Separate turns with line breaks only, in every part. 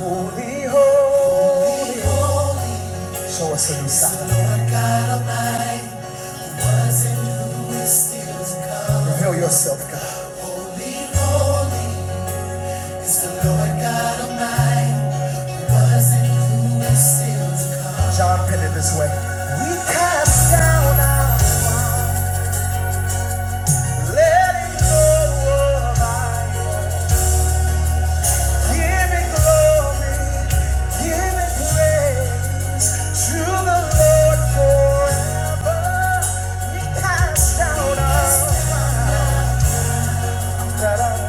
Holy, holy, holy. Show us a new sign. Reveal yourself, God. John penned it this way. We cast down our pride, letting go of our pride. Give it glory, give it praise to the Lord forever. We cast down our da, da, da, da.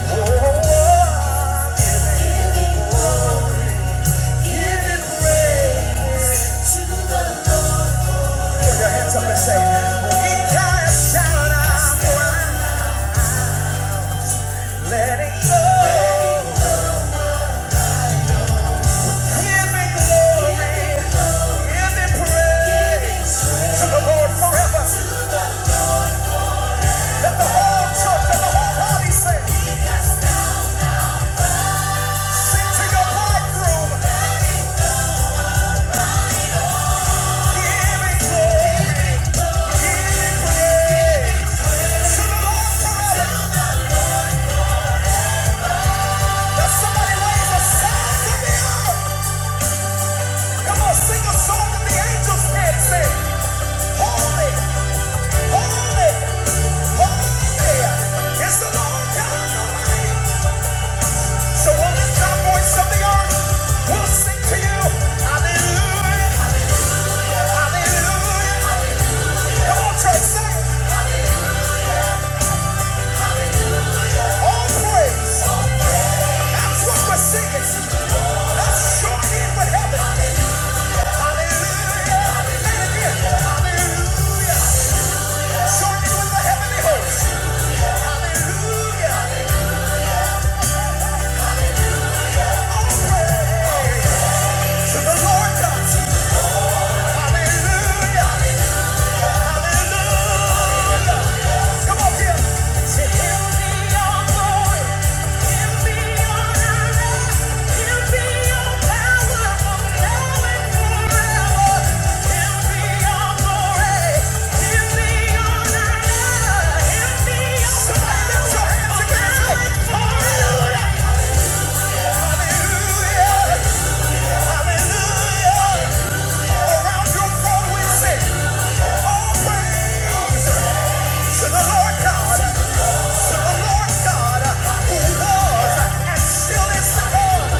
Oh, oh, oh. Somebody raise a sound to me. Come on, sing a song that the angels can't Holy, holy, holy is the Lord God Almighty. So will lift our voice of the earth. We'll sing to you. Hallelujah, hallelujah. Come on, church, say it. All praise. That's what we're singing. That's short in with heaven. Hallelujah. Hallelujah. Short in with the heavenly host. Hallelujah. To the Lord comes. Hallelujah. Hallelujah. Come on, Tim. To him be all glory. Him be all honor. Him be all power. Now and forever. Him be all glory. Him be all honor. Him be all Somebody lift your hands and give him praise. Hallelujah. Hallelujah. Hallelujah. around your throne we sing. All praise to the Lord God, to the Lord God, who was and still is to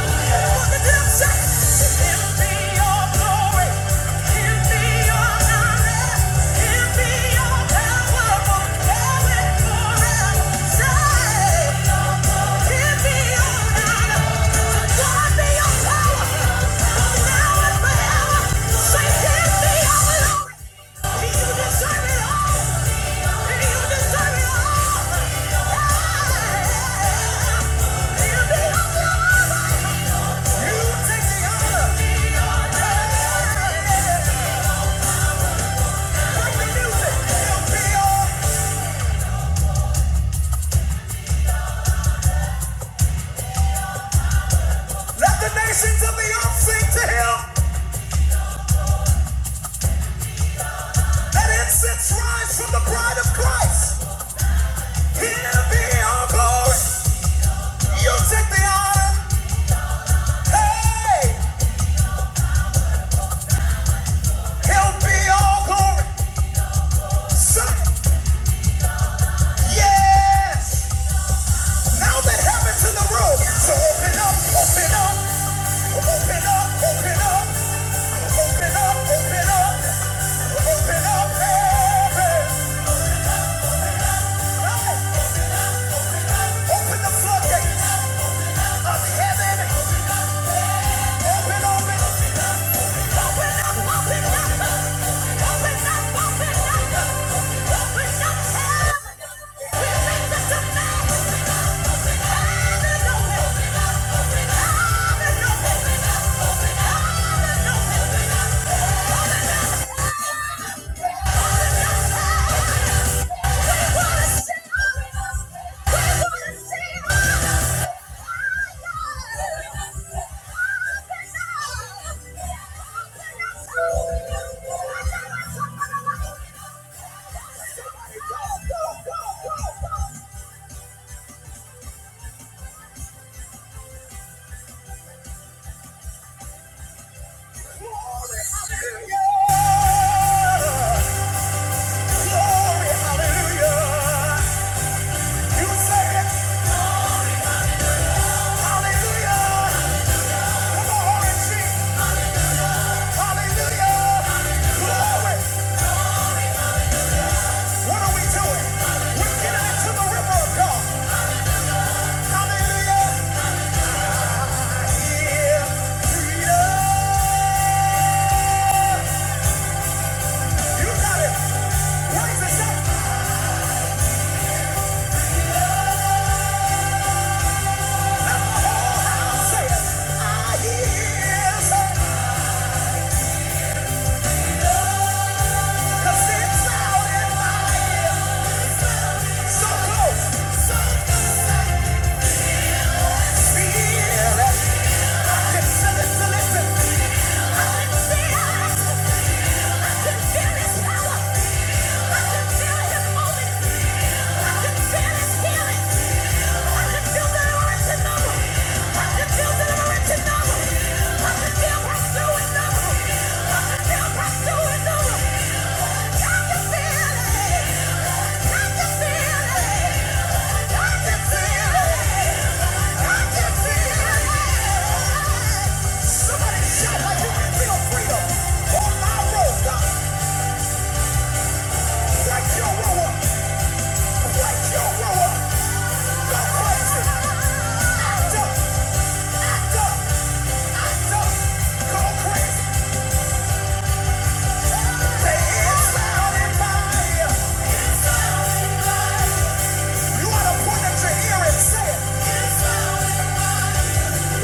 For the deep said, "In thee all glory, yeah. Let the nations of the earth sing to him. Let incense rise from the pride of Christ. He'll be our glory. You take the honor. Hey, he'll be all glory. Son, yes. Now that heaven's in the room. So open up, open up. Open up, open up. Open up, open up. Open up, heaven. Open the floodgate of heaven. Open, up, open up, open up, open up, open up heaven. We make the tonight. Go, go, go, go, go! Yeah. 'Cause it's out in my ear. So close. Feel it. I can feel it, feel it, feel it. I can feel it, I feel it. It's moving, feel it, feel it. I can feel the aroma. I can feel the original. I can feel pursuing the room. I can feel pursuing the room. I can feel it. I can feel it. Say it. All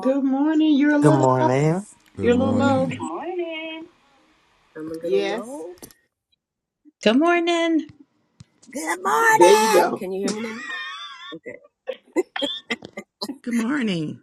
Good morning. You're a
Good
little
morning.
Good
you're a
Good
little low.
morning.
morning.
Yes.
Good morning.
There you go.
Good morning.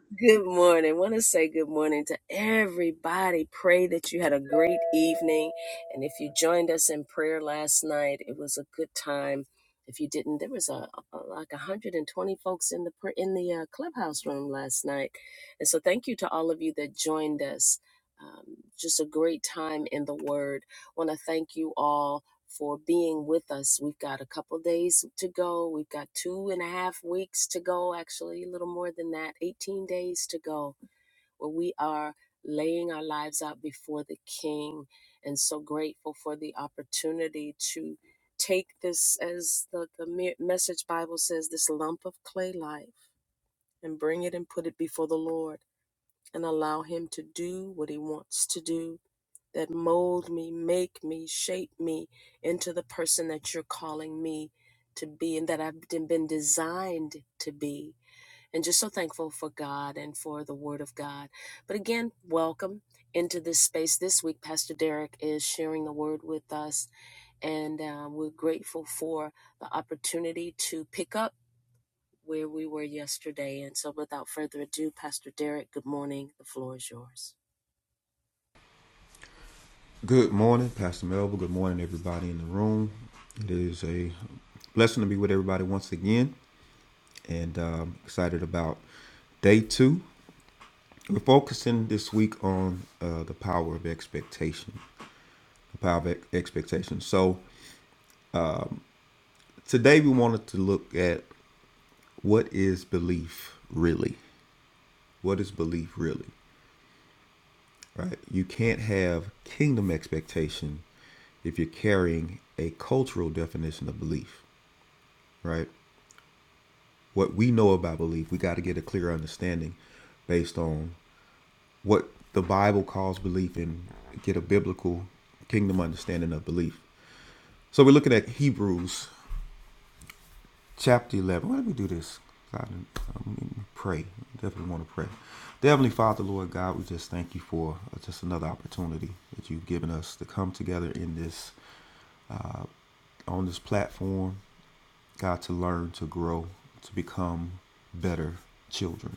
Good morning, Pastor Melville. Good morning, everybody in the room. It is a blessing to be with everybody once again, and um, excited about day two. We're focusing this week on uh, the power of expectation. The power of ex- expectation. So today we wanted to look at what is belief really. What is belief really? Right? You can't have kingdom expectation if you're carrying a cultural definition of belief, right? what we know about belief, we got to get a clear understanding based on what the Bible calls belief and get a biblical kingdom understanding of belief. So we're looking at Hebrews chapter 11. Why don't we do this? God, um, pray. Definitely want to pray. Dear Heavenly Father, Lord God, we just thank you for uh, just another opportunity that you've given us to come together in this on this platform, God, to learn, to grow, to become better children.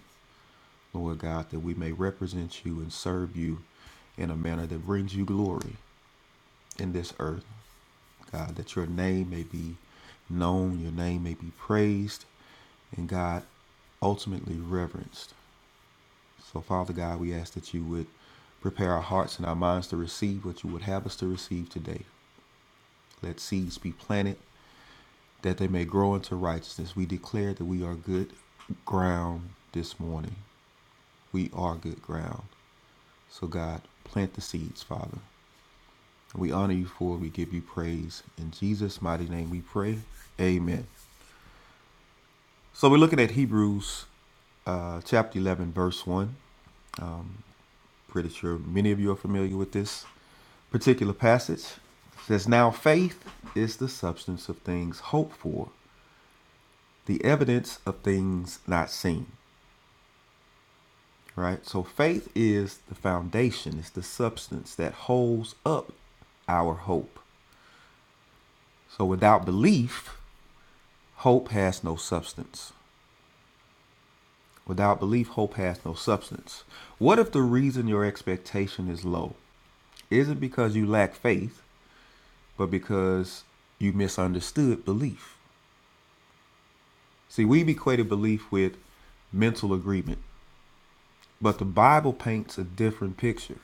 Lord God, that we may represent you and serve you in a manner that brings you glory in this earth. God, that your name may be known, your name may be praised, and God, ultimately reverenced. So, Father God, we ask that you would prepare our hearts and our minds to receive what you would have us to receive today. Let seeds be planted that they may grow into righteousness. We declare that we are good ground this morning. We are good ground. So, God, plant the seeds, Father. We honor you for it. We give you praise. In Jesus' mighty name we pray. Amen. So, we're looking at Hebrews uh, chapter 11, verse 1. Pretty sure many of you are familiar with this particular passage. It says, Now faith is the substance of things hoped for, the evidence of things not seen. Right? So, faith is the foundation, it's the substance that holds up our hope. So, without belief, Hope has no substance. Without belief, hope has no substance. What if the reason your expectation is low isn't because you lack faith, but because you misunderstood belief? See, we've equated belief with mental agreement, but the Bible paints a different picture.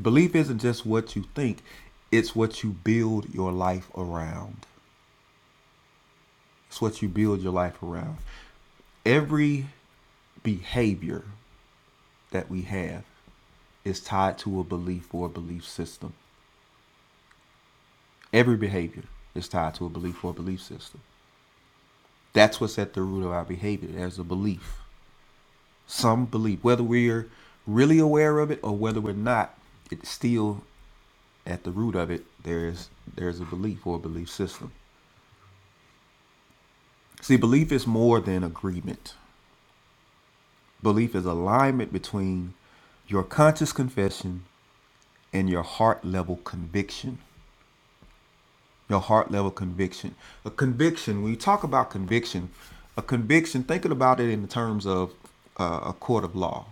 Belief isn't just what you think, it's what you build your life around. It's what you build your life around. Every behavior that we have is tied to a belief or a belief system. Every behavior is tied to a belief or a belief system. That's what's at the root of our behavior. There's a belief. Some belief, whether we're really aware of it or whether we're not, it's still at the root of it. There's there's a belief or a belief system. See, belief is more than agreement. Belief is alignment between your conscious confession and your heart level conviction. your heart level conviction. A conviction, when you talk about conviction, a conviction, thinking about it in terms of uh, a court of law.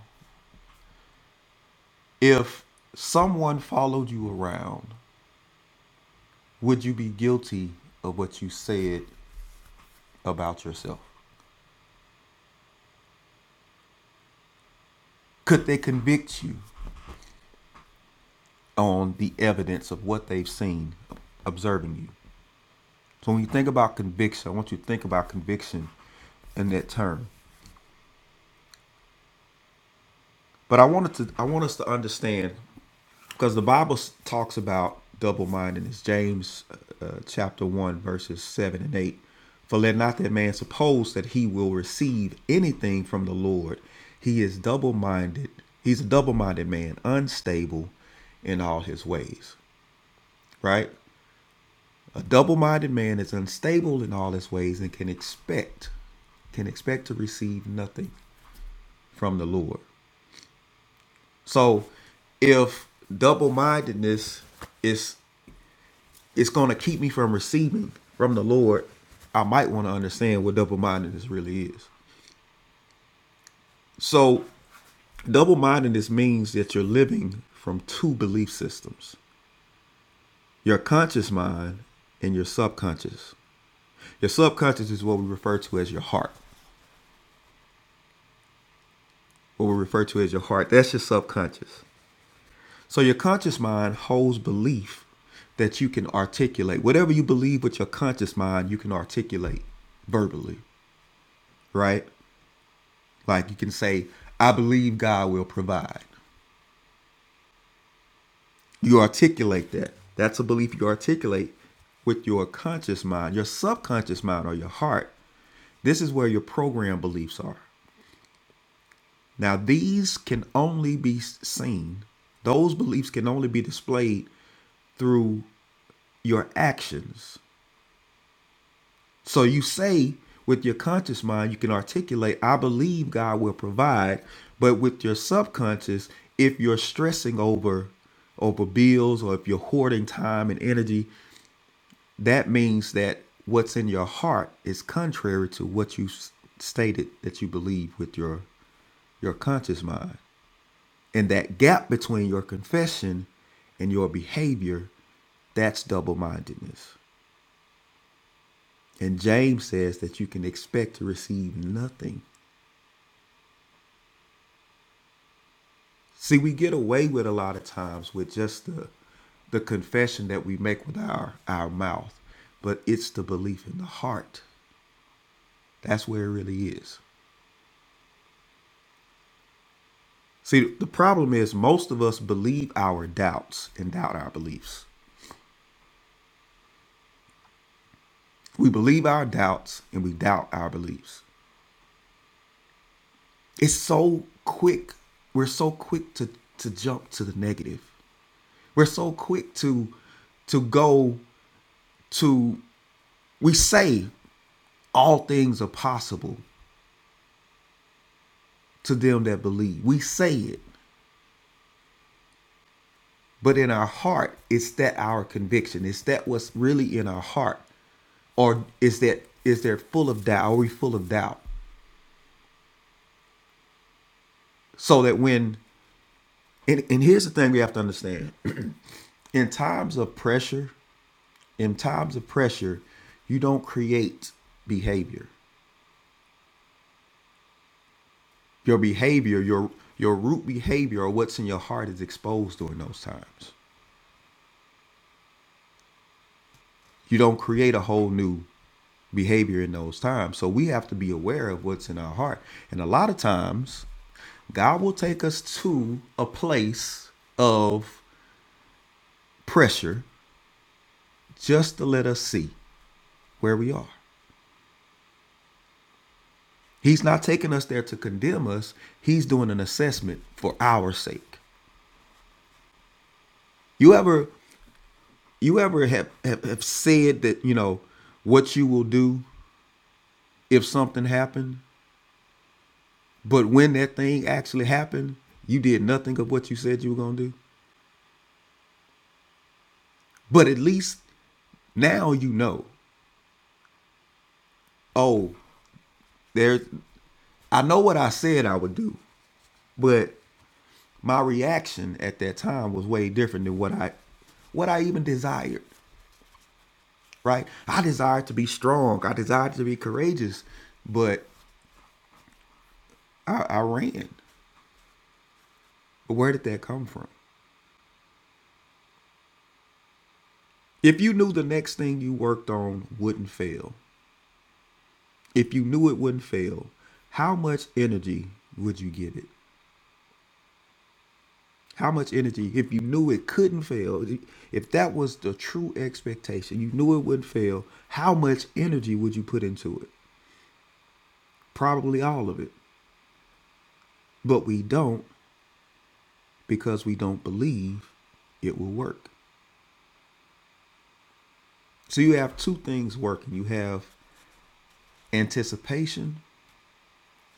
If someone followed you around, would you be guilty of what you said about yourself? Could they convict you on the evidence of what they've seen observing you? So when you think about conviction, I want you to think about conviction in that term. But I wanted to I want us to understand because the Bible talks about double mindedness. James uh, uh, chapter 1, verses 7 and 8. For let not that man suppose that he will receive anything from the Lord. He is double minded. He's a double minded man, unstable in all his ways, right? A double minded man is unstable in all his ways and can expect can expect to receive nothing from the Lord. So if double mindedness is it's going to keep me from receiving from the Lord, I might want to understand what double mindedness really is. So, double mindedness means that you're living from two belief systems your conscious mind and your subconscious. Your subconscious is what we refer to as your heart. What we refer to as your heart, that's your subconscious. So, your conscious mind holds belief that you can articulate. Whatever you believe with your conscious mind, you can articulate verbally, right? Like you can say, I believe God will provide. You articulate that. That's a belief you articulate with your conscious mind, your subconscious mind, or your heart. This is where your program beliefs are. Now, these can only be seen, those beliefs can only be displayed through your actions. So you say with your conscious mind, you can articulate, I believe God will provide. But with your subconscious, if you're stressing over over bills or if you're hoarding time and energy, that means that what's in your heart is contrary to what you s- stated that you believe with your your conscious mind. And that gap between your confession and your behavior that's double mindedness. And James says that you can expect to receive nothing See, we get away with a lot of times with just the the confession that we make with our our mouth, but it's the belief in the heart. That's where it really is. See, the problem is most of us believe our doubts and doubt our beliefs. We believe our doubts and we doubt our beliefs. It's so quick. We're so quick to to jump to the negative. We're so quick to to go to we say all things are possible to them that believe. We say it, but in our heart, it's that our conviction? Is that what's really in our heart? Or is that is there full of doubt? Are we full of doubt? So that when and, and here's the thing we have to understand. In times of pressure, in times of pressure, you don't create behavior. Your behavior, your your root behavior or what's in your heart is exposed during those times. you don't create a whole new behavior in those times. So we have to be aware of what's in our heart. And a lot of times, God will take us to a place of pressure just to let us see where we are. He's not taking us there to condemn us. He's doing an assessment for our sake. You ever you ever have, have, have said that, you know, what you will do if something happened? But when that thing actually happened, you did nothing of what you said you were gonna do. But at least now you know. Oh, there's I know what I said I would do, but my reaction at that time was way different than what I what I even desired. Right? I desired to be strong. I desired to be courageous, but I, I ran. But Where did that come from? If you knew the next thing you worked on wouldn't fail, if you knew it wouldn't fail, how much energy would you give it? How much energy, if you knew it couldn't fail, if that was the true expectation, you knew it wouldn't fail, how much energy would you put into it? Probably all of it. But we don't because we don't believe it will work. So you have two things working you have anticipation,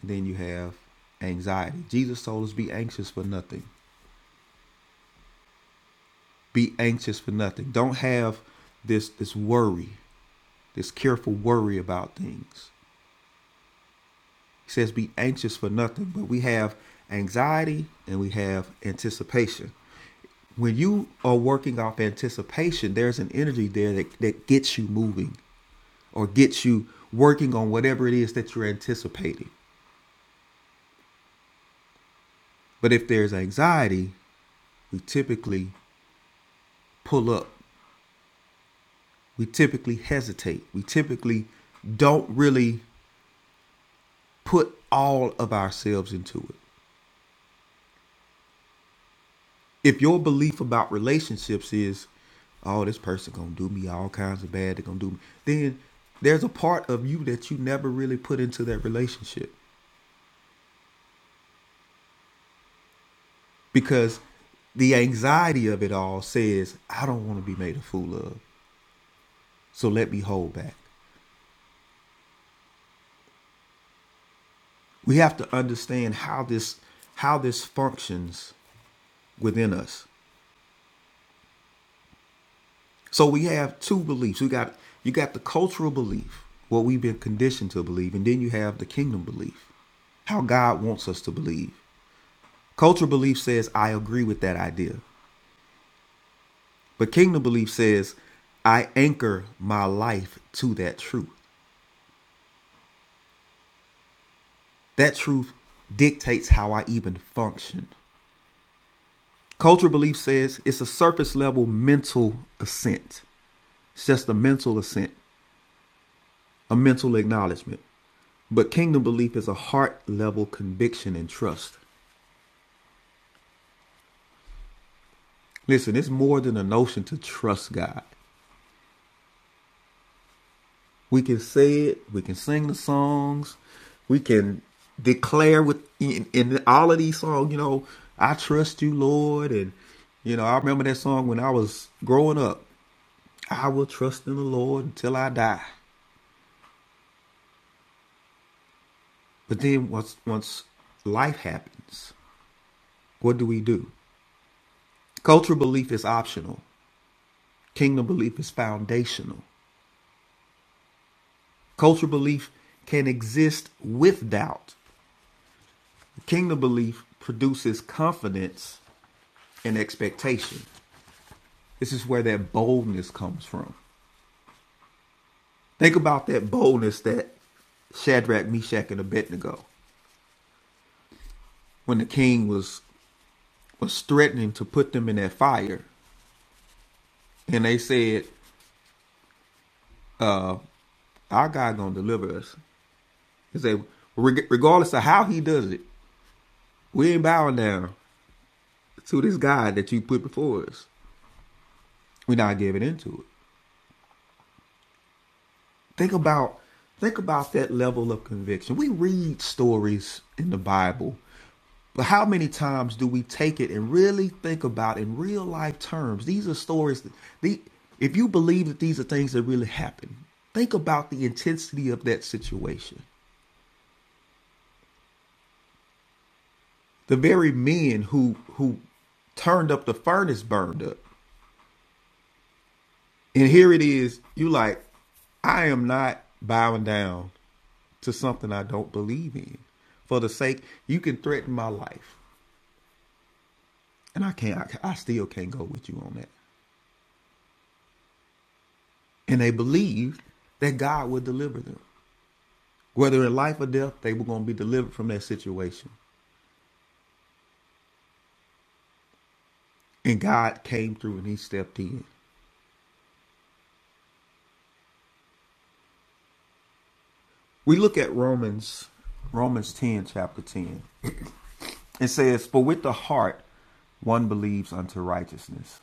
then you have anxiety. Jesus told us be anxious for nothing. Be anxious for nothing. Don't have this this worry this careful worry about things. He says, Be anxious for nothing, but we have anxiety and we have anticipation. When you are working off anticipation, there's an energy there that, that gets you moving or gets you working on whatever it is that you're anticipating. But if there's anxiety, we typically pull up, we typically hesitate, we typically don't really put all of ourselves into it. if your belief about relationships is oh this person gonna do me all kinds of bad they're gonna do me then there's a part of you that you never really put into that relationship because the anxiety of it all says i don't want to be made a fool of so let me hold back we have to understand how this how this functions within us So we have two beliefs. You got you got the cultural belief, what we've been conditioned to believe, and then you have the kingdom belief, how God wants us to believe. Cultural belief says I agree with that idea, but kingdom belief says I anchor my life to that truth. That truth dictates how I even function. Cultural belief says it's a surface level mental assent. It's just a mental assent. a mental acknowledgement. But kingdom belief is a heart level conviction and trust. Listen, it's more than a notion to trust God. We can say it, we can sing the songs, we can declare with in, in all of these songs, you know, I trust you, Lord. And, you know, I remember that song when I was growing up. I will trust in the Lord until I die. But then once once life happens, what do we do? Cultural belief is optional. Kingdom belief is foundational. Cultural belief can exist with doubt. Kingdom belief produces confidence and expectation. This is where that boldness comes from. Think about that boldness that Shadrach, Meshach, and Abednego when the king was was threatening to put them in that fire, and they said, "Our God gonna deliver us." He said, "Regardless of how He does it, we ain't bowing down to this God that you put before us." We're not giving into it. Think about think about that level of conviction. We read stories in the Bible, but how many times do we take it and really think about in real life terms? These are stories that the if you believe that these are things that really happen, think about the intensity of that situation. The very men who who turned up the furnace burned up. And here it is, you like, I am not bowing down to something I don't believe in. For the sake, you can threaten my life, and I can't. I, I still can't go with you on that. And they believed that God would deliver them, whether in life or death. They were going to be delivered from that situation, and God came through and He stepped in. We look at Romans, Romans ten, chapter ten. It says, "For with the heart one believes unto righteousness,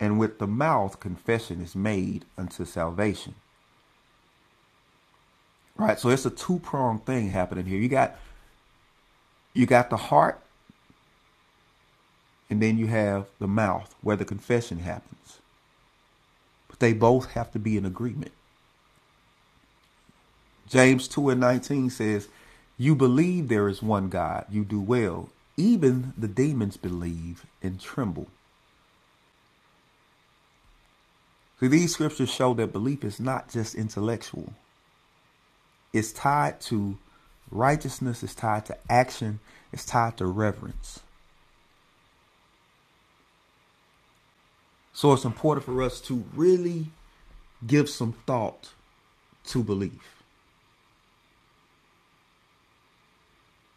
and with the mouth confession is made unto salvation. Right? So it's a two pronged thing happening here. You got You got the heart, and then you have the mouth where the confession happens. But they both have to be in agreement. James 2 and 19 says, You believe there is one God, you do well. Even the demons believe and tremble. See, these scriptures show that belief is not just intellectual, it's tied to righteousness, it's tied to action, it's tied to reverence. So it's important for us to really give some thought to belief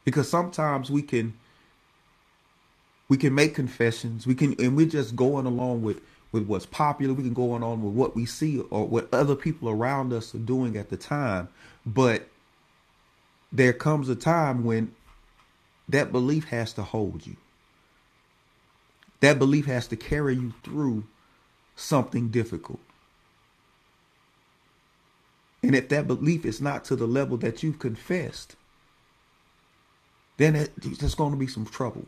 because sometimes we can We can make confessions. We can, and we're just going along with with what's popular. We can go on on with what we see or what other people around us are doing at the time. But there comes a time when that belief has to hold you. That belief has to carry you through something difficult. And if that belief is not to the level that you've confessed, then it, there's going to be some trouble.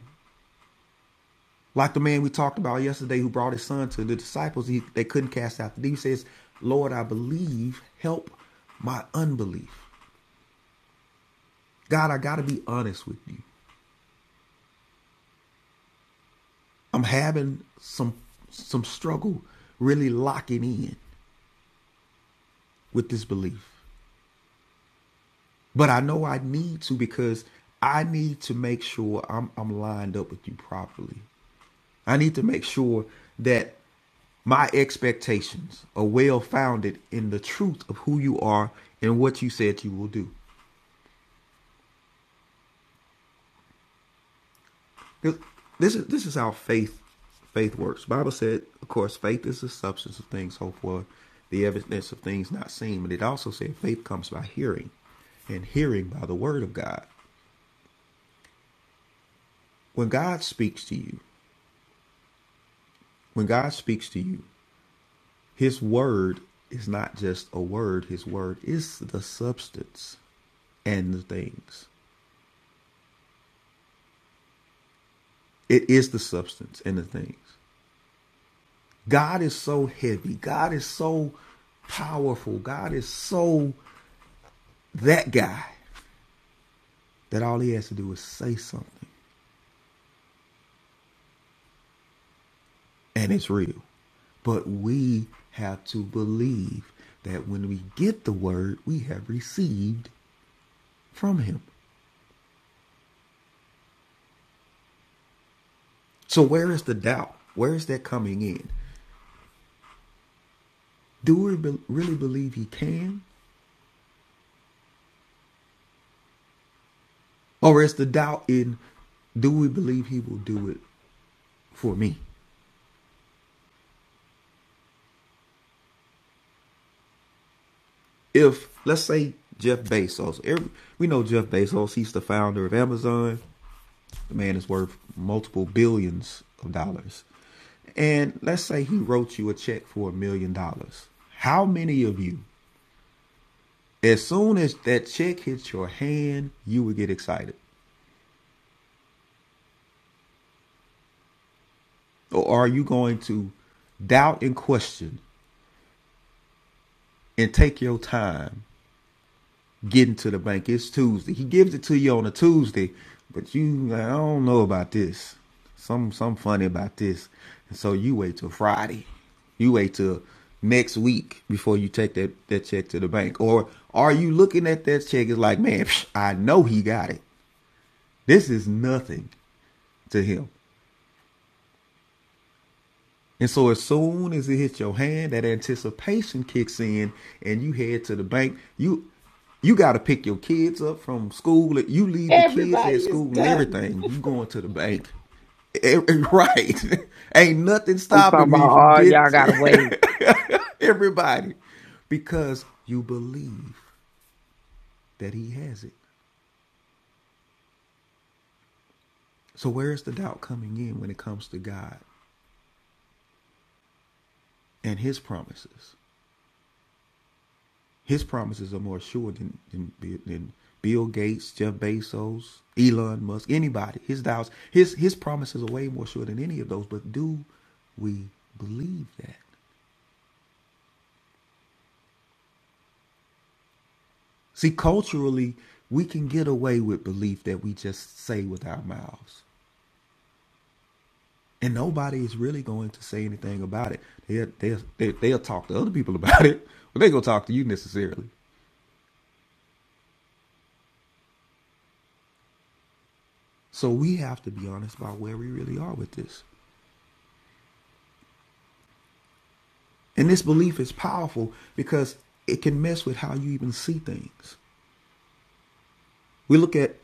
Like the man we talked about yesterday who brought his son to the disciples, he, they couldn't cast out the demon. He says, Lord, I believe, help my unbelief. God, I gotta be honest with you. I'm having some some struggle really locking in with this belief. But I know I need to because I need to make sure I'm I'm lined up with you properly. I need to make sure that My expectations are well founded in the truth of who you are and what you said you will do. This is this is how faith faith works. The Bible said, of course, faith is the substance of things hoped for, the evidence of things not seen. But it also said faith comes by hearing, and hearing by the word of God. When God speaks to you, when God speaks to you, his word is not just a word, his word is the substance and the things. It is the substance and the things. God is so heavy. God is so powerful. God is so that guy that all he has to do is say something and it's real. But we have to believe that when we get the word, we have received from him. So where is the doubt? Where is that coming in? Do we be- really believe he can? Or is the doubt in do we believe he will do it for me? if let's say Jeff Bezos, every, we know Jeff Bezos, he's the founder of Amazon. The man is worth multiple billions of dollars. And let's say he wrote you a check for a million dollars. How many of you, as soon as that check hits your hand, you would get excited? Or are you going to doubt and question and take your time getting to the bank. It's Tuesday. He gives it to you on a Tuesday, but you I don't know about this. Some some funny about this. And so you wait till Friday. You wait till next week before you take that, that check to the bank. Or are you looking at that check It's like, man, psh, I know he got it. This is nothing to him. And so as soon as it hits your hand, that anticipation kicks in and you head to the bank. You you gotta pick your kids up from school. You leave the kids
Everybody
at
is
school and
done.
everything. You going to the bank. Eh, eh, Right. Ain't nothing
I'm
stopping
talking
me
about
from
all
getting
y'all gotta wait.
everybody. Because you believe that he has it. So where is the doubt coming in when it comes to God and his promises? His promises are more sure than than, than Bill Gates, Jeff Bezos, Elon Musk, anybody. His doubts, his his promises are way more sure than any of those. But do we believe that? See, culturally, we can get away with belief that we just say with our mouths, and nobody is really going to say anything about it. They'll they'll, they- they'll talk to other people about it, but they ain't gonna talk to you necessarily. So we have to be honest about where we really are with this. And this belief is powerful because it can mess with how you even see things. We look at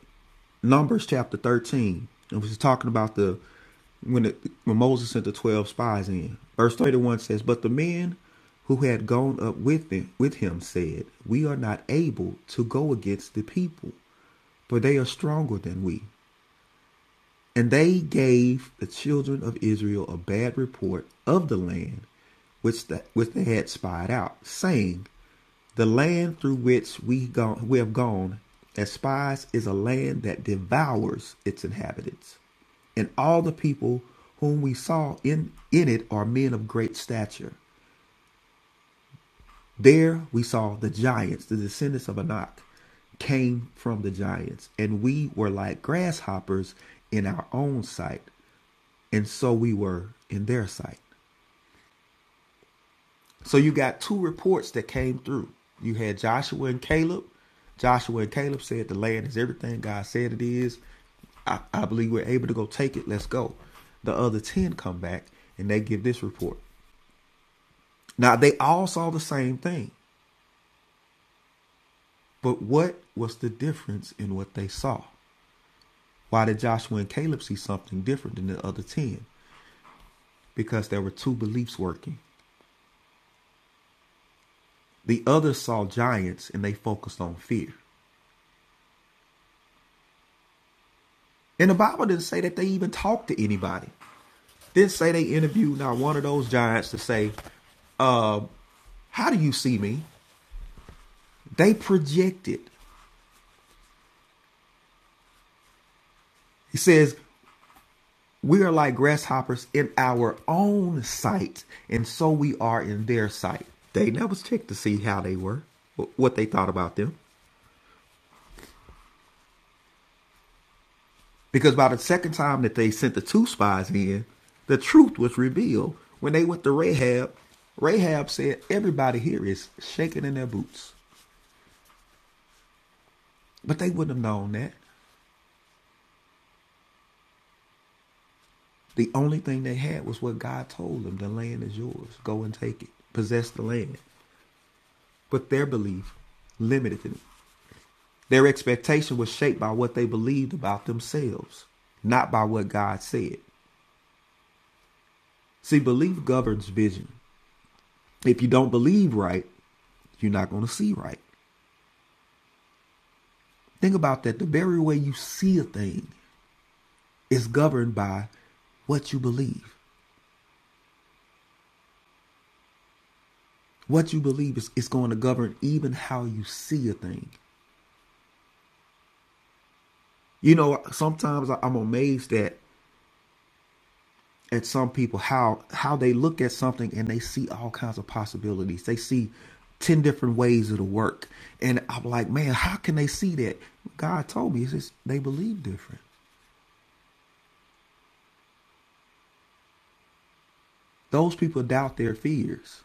Numbers chapter 13, and we're talking about the when it, when Moses sent the 12 spies in. Verse 31 says, "But the men who had gone up with them, with him said, 'We are not able to go against the people, for they are stronger than we. And they gave the children of Israel a bad report of the land which, the, which they had spied out, saying, The land through which we, gone, we have gone as spies is a land that devours its inhabitants. And all the people whom we saw in, in it are men of great stature. There we saw the giants, the descendants of Anak, came from the giants, and we were like grasshoppers in our own sight and so we were in their sight. So you got two reports that came through. You had Joshua and Caleb. Joshua and Caleb said the land is everything God said it is. I, I believe we're able to go take it. Let's go. The other 10 come back and they give this report. Now, they all saw the same thing, but what was the difference in what they saw? Why did Joshua and Caleb see something different than the other 10? Because there were two beliefs working. The others saw giants and they focused on fear. And the Bible didn't say that they even talked to anybody. Didn't say they interviewed not one of those giants to say, uh, How do you see me? They projected. He says, We are like grasshoppers in our own sight, and so we are in their sight. They never checked to see how they were, what they thought about them. Because by the second time that they sent the two spies in, the truth was revealed. When they went to Rahab, Rahab said, Everybody here is shaking in their boots. But they wouldn't have known that. The only thing they had was what God told them the land is yours. Go and take it, possess the land. But their belief limited them. Their expectation was shaped by what they believed about themselves, not by what God said. See, belief governs vision. If you don't believe right, you're not going to see right. Think about that. The very way you see a thing is governed by what you believe. What you believe is, is going to govern even how you see a thing. You know, sometimes I- am amazed at at some people how how they look at something and they see all kinds of possibilities. They see ten different ways it'll work, and I'm like, man, how can they see that? God told me. It's just they believe different. Those people doubt their fears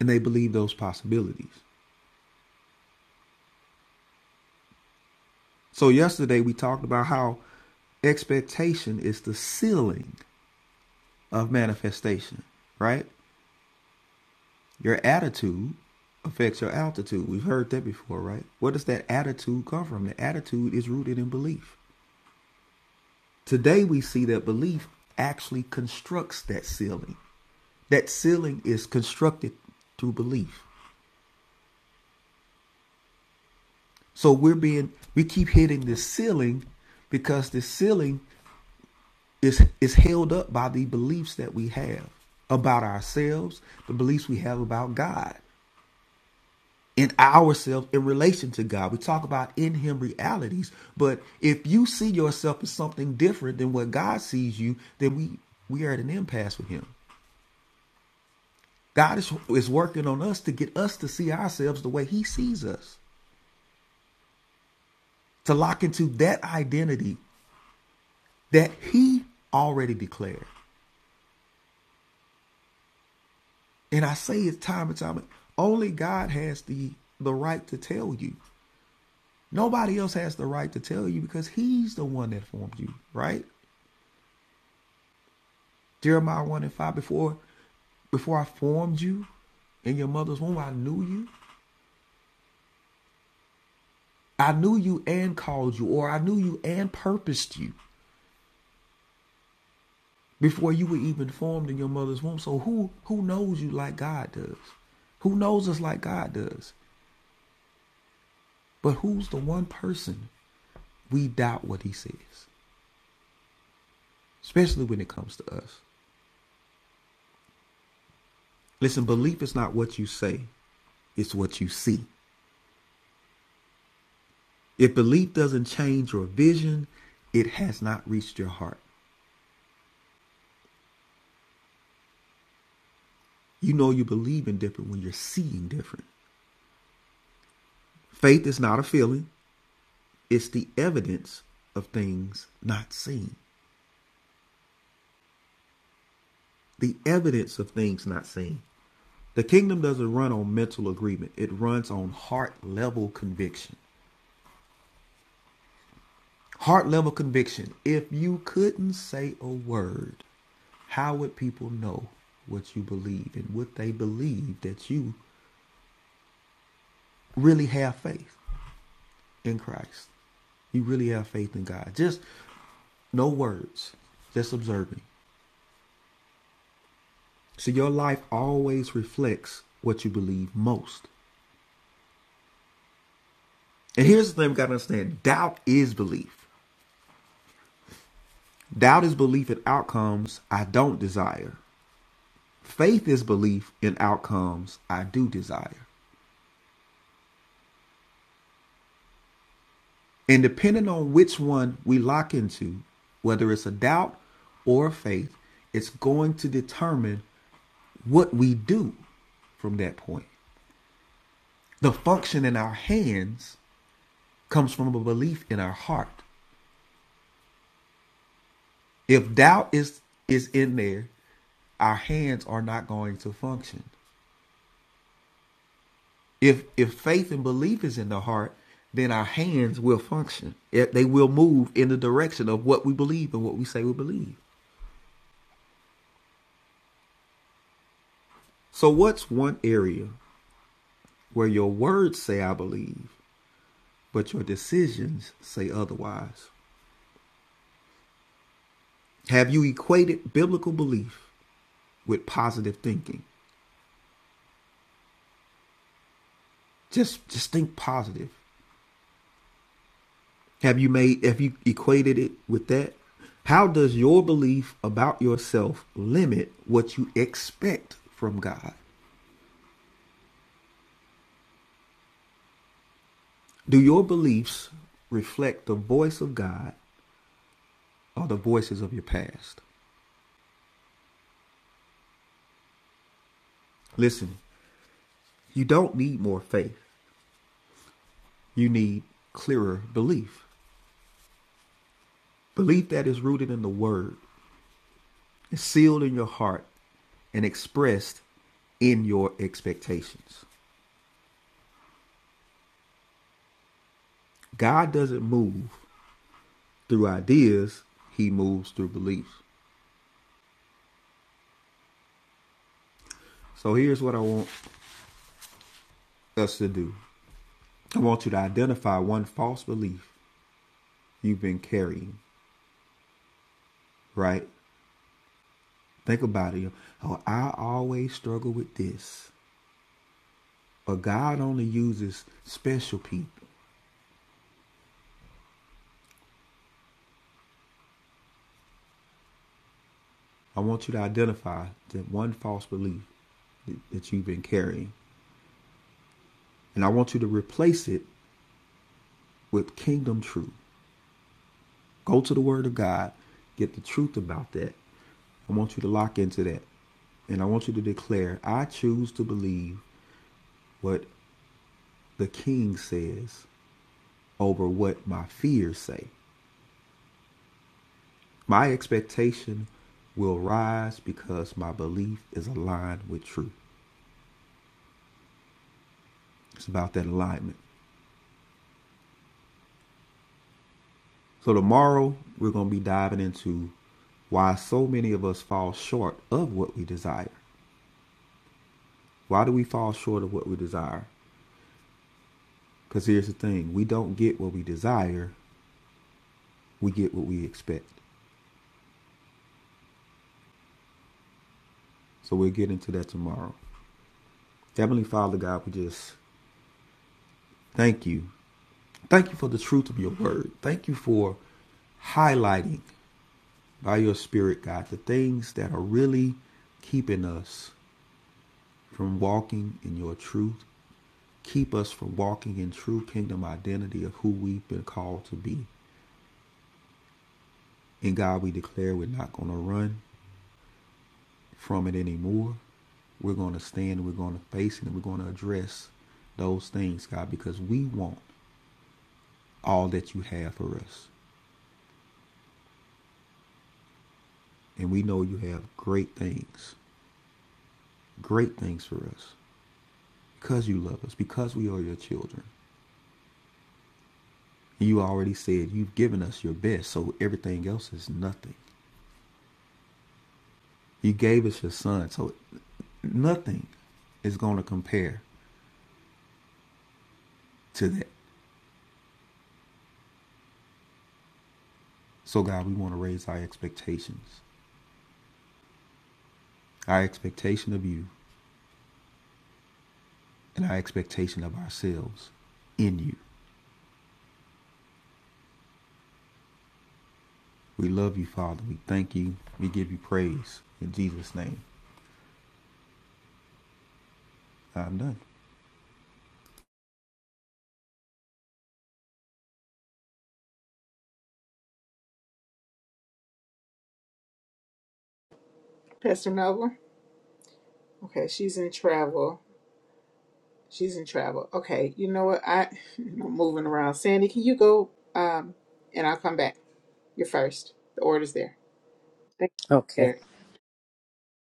and they believe those possibilities. So yesterday we talked about how expectation is the ceiling of manifestation, right? Your attitude affects your altitude. We've heard that before, right? Where does that attitude come from? The attitude is rooted in belief. Today, we see that belief actually constructs that ceiling. That ceiling is constructed through belief. So we're being, we keep hitting this ceiling because this ceiling is, is held up by the beliefs that we have about ourselves, the beliefs we have about God. in ourselves in relation to God. We talk about in Him realities, but if you see yourself as something different than what God sees you, then we we are at an impasse with Him. God is is working on us to get us to see ourselves the way He sees us, to lock into that identity that He already declared. And I say it time and time only God has the the right to tell you. Nobody else has the right to tell you because He's the one that formed you, right? Jeremiah 1 and 5, before before I formed you in your mother's womb, I knew you. I knew you and called you, or I knew you and purposed you before you were even formed in your mother's womb. So who who knows you like God does? Who knows us like God does? But who's the one person we doubt what he says? Especially when it comes to us. Listen, belief is not what you say, it's what you see. If belief doesn't change your vision, it has not reached your heart. You know you believe in different when you're seeing different. Faith is not a feeling, it's the evidence of things not seen. The evidence of things not seen. The kingdom doesn't run on mental agreement, it runs on heart level conviction. Heart level conviction. If you couldn't say a word, how would people know what you believe? And would they believe that you really have faith in Christ? You really have faith in God. Just No words, just observing. So your life always reflects what you believe most. And here's the thing we gotta understand doubt is belief. Doubt is belief in outcomes I don't desire. Faith is belief in outcomes I do desire. And depending on which one we lock into, whether it's a doubt or a faith, it's going to determine what we do from that point. The function in our hands comes from a belief in our heart. If doubt is is in there, our hands are not going to function. If if faith and belief is in the heart, then our hands will function. They will move in the direction of what we believe and what we say we believe. So what's one area where your words say I believe, but your decisions say otherwise? Have you equated biblical belief with positive thinking? Just just think positive. Have you made have you equated it with that? How does your belief about yourself limit what you expect from God? Do your beliefs reflect the voice of God or the voices of your past? Listen, you don't need more faith. You need clearer belief. Belief that is rooted in the word, is sealed in your heart, and expressed in your expectations. God doesn't move through ideas, he moves through belief. So here's what I want us to do I want you to identify one false belief you've been carrying, right? Think about it. Oh, I always struggle with this. But God only uses special people. I want you to identify that one false belief that you've been carrying. And I want you to replace it with kingdom truth. Go to the Word of God, get the truth about that. I want you to lock into that. And I want you to declare, I choose to believe what the King says over what my fears say. My expectation will rise because my belief is aligned with truth. It's about that alignment. So, tomorrow we're going to be diving into why so many of us fall short of what we desire. Why do we fall short of what we desire? Because here's the thing we don't get what we desire, we get what we expect. So we'll get into that tomorrow. Heavenly Father God, we just thank you. Thank you for the truth of your word. Thank you for highlighting by your spirit, God, the things that are really keeping us from walking in your truth. Keep us from walking in true kingdom identity of who we've been called to be. And God, we declare we're not going to run. from it anymore. We're going to stand, we're going to face it, and we're going to address those things, God, because we want all that you have for us. And we know you have great things, great things for us because you love us, because we are your children. You already said you've given us your best, so everything else is nothing. You gave us your son, so nothing is going to compare to that. So, God, we want to raise our expectations. Our expectation of you and our expectation of ourselves in you. We love you, Father. We thank you. We give you praise. In Jesus' name, I'm done.
Pastor Nova. Okay, she's in travel. She's in travel. Okay, you know what? I I'm moving around. Sandy, can you go um and I'll come back. You're first. The order's there. Thank you.
Okay.
There.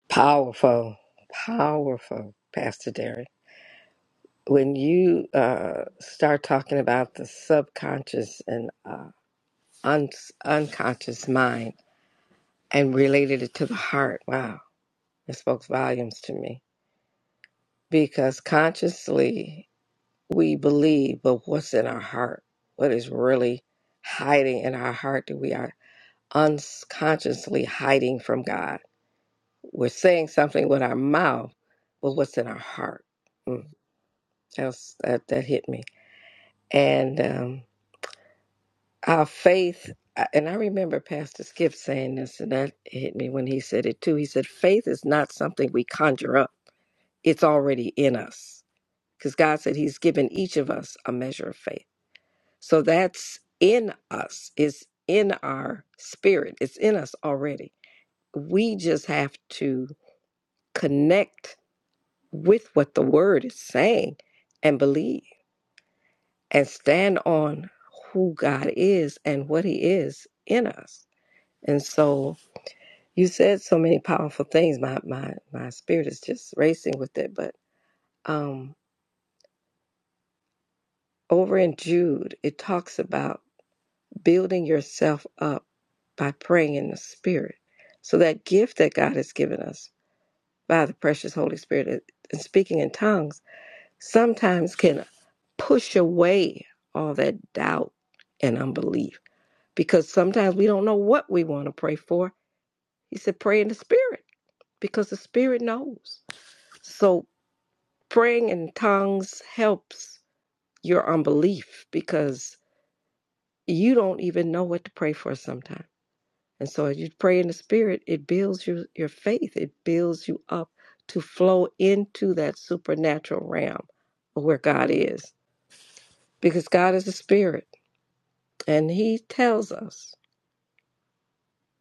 Powerful, powerful, Pastor Derry. When you uh, start talking about the subconscious and uh, un- unconscious mind and related it to the heart, wow, it spoke volumes to me. Because consciously we believe, but what's in our heart? What is really hiding in our heart that we are unconsciously hiding from God? We're saying something with our mouth, but what's in our heart? Mm. That's, that, that hit me. And um, our faith, uh, and I remember Pastor Skip saying this, and that hit me when he said it too. He said, faith is not something we conjure up, it's already in us. Because God said He's given each of us a measure of faith. So that's in us, it's in our spirit, it's in us already. We just have to connect with what the word is saying and believe. and stand on who God is and what He is in us. And so you said so many powerful things. My my my spirit is just racing with it. But um, over in Jude, it talks about building yourself up by praying in the Spirit. So that gift that God has given us by the precious Holy Spirit and speaking in tongues sometimes can push away all that doubt and unbelief because sometimes we don't know what we want to pray for. He said, pray in the spirit because the spirit knows. So praying in tongues helps your unbelief because you don't even know what to pray for sometimes. And so as you pray in the spirit, it builds your, your faith, it builds you up to flow into that supernatural realm where God is because God is a spirit and he tells us.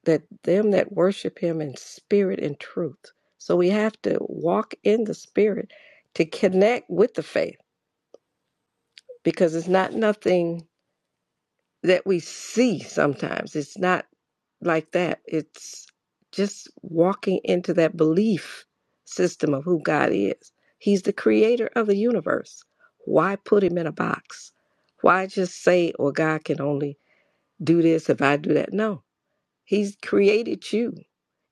that them that worship him in spirit and truth. So we have to walk in the spirit to connect with the faith because it's not nothing that we see sometimes. It's not like that. It's just walking into that belief system of who God is. He's the creator of the universe. Why put him in a box? Why just say, well, God can only do this if I do that? No, He's created you.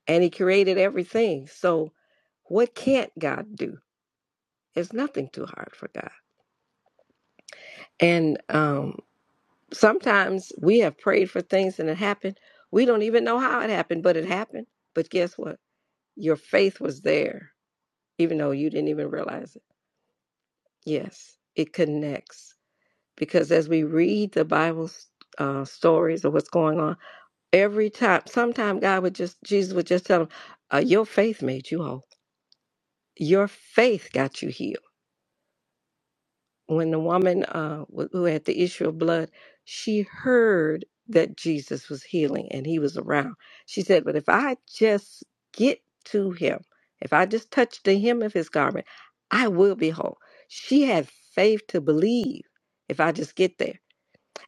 and he created everything. So what can't God do? There's nothing too hard for God. And um, sometimes we have prayed for things and it happened. We don't even know how it happened, but it happened. But guess what? Your faith was there, even though you didn't even realize it. Yes, it connects because as we read the Bible uh, stories of what's going on, every time, sometime God would just, Jesus would just tell them, uh, "Your faith made you whole. Your faith got you healed." when the woman uh, wh- who had the issue of blood, she heard that Jesus was healing and he was around. She said, But if I just get to him, if I just touch the hem of his garment, I will be whole. She had faith to believe if I just get there.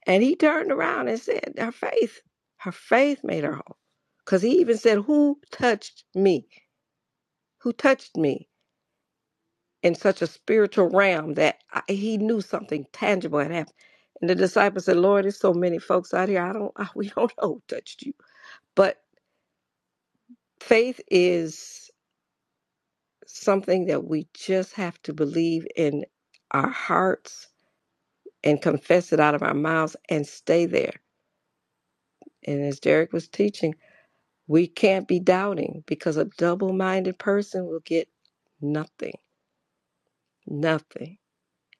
And he turned around and said, Her faith, her faith made her whole. Because he even said, Who touched me? Who touched me? in such a spiritual realm that I, he knew something tangible had happened. And the disciples said, "Lord, there's so many folks out here. I don't, I, we don't know who touched you." But faith is something that we just have to believe in our hearts and confess it out of our mouths and stay there. And as Derek was teaching, we can't be doubting because a double-minded person will get nothing, nothing.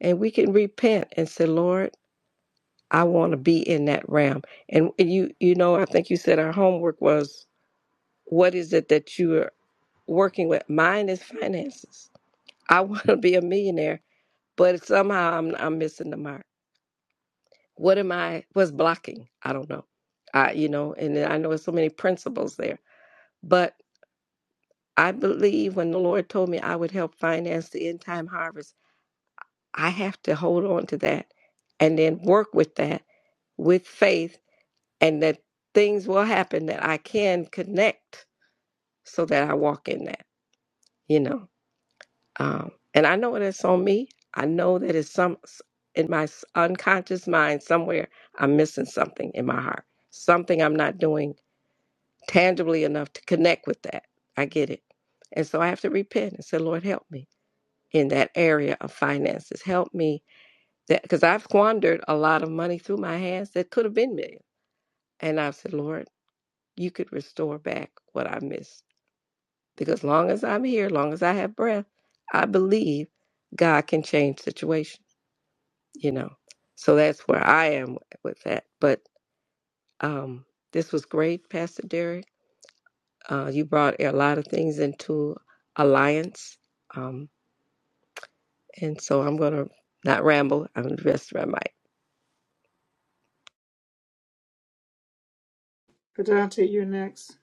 And we can repent and say, "Lord." I want to be in that realm. And you, you know, I think you said our homework was what is it that you are working with? Mine is finances. I want to be a millionaire, but somehow I'm I'm missing the mark. What am I? What's blocking? I don't know. I, you know, and I know there's so many principles there, but I believe when the Lord told me I would help finance the end time harvest, I have to hold on to that and then work with that with faith and that things will happen that I can connect so that I walk in that, you know. Um, and I know that's on me. I know that it's some in my s- unconscious mind somewhere. I'm missing something in my heart, something I'm not doing tangibly enough to connect with that. I get it, and so I have to repent and say, Lord, help me in that area of finances. Help me that because I've squandered a lot of money through my hands that could have been millions, and I've said, Lord, you could restore back what I missed Because long as I'm here, long as I have breath, I believe God can change situations. you know. So that's where I am with that. But um, this was great, Pastor Derek. Uh, you brought a lot of things into alliance. Um, and so I'm going to not ramble. I'm going to rest around my
Kadante, you're next.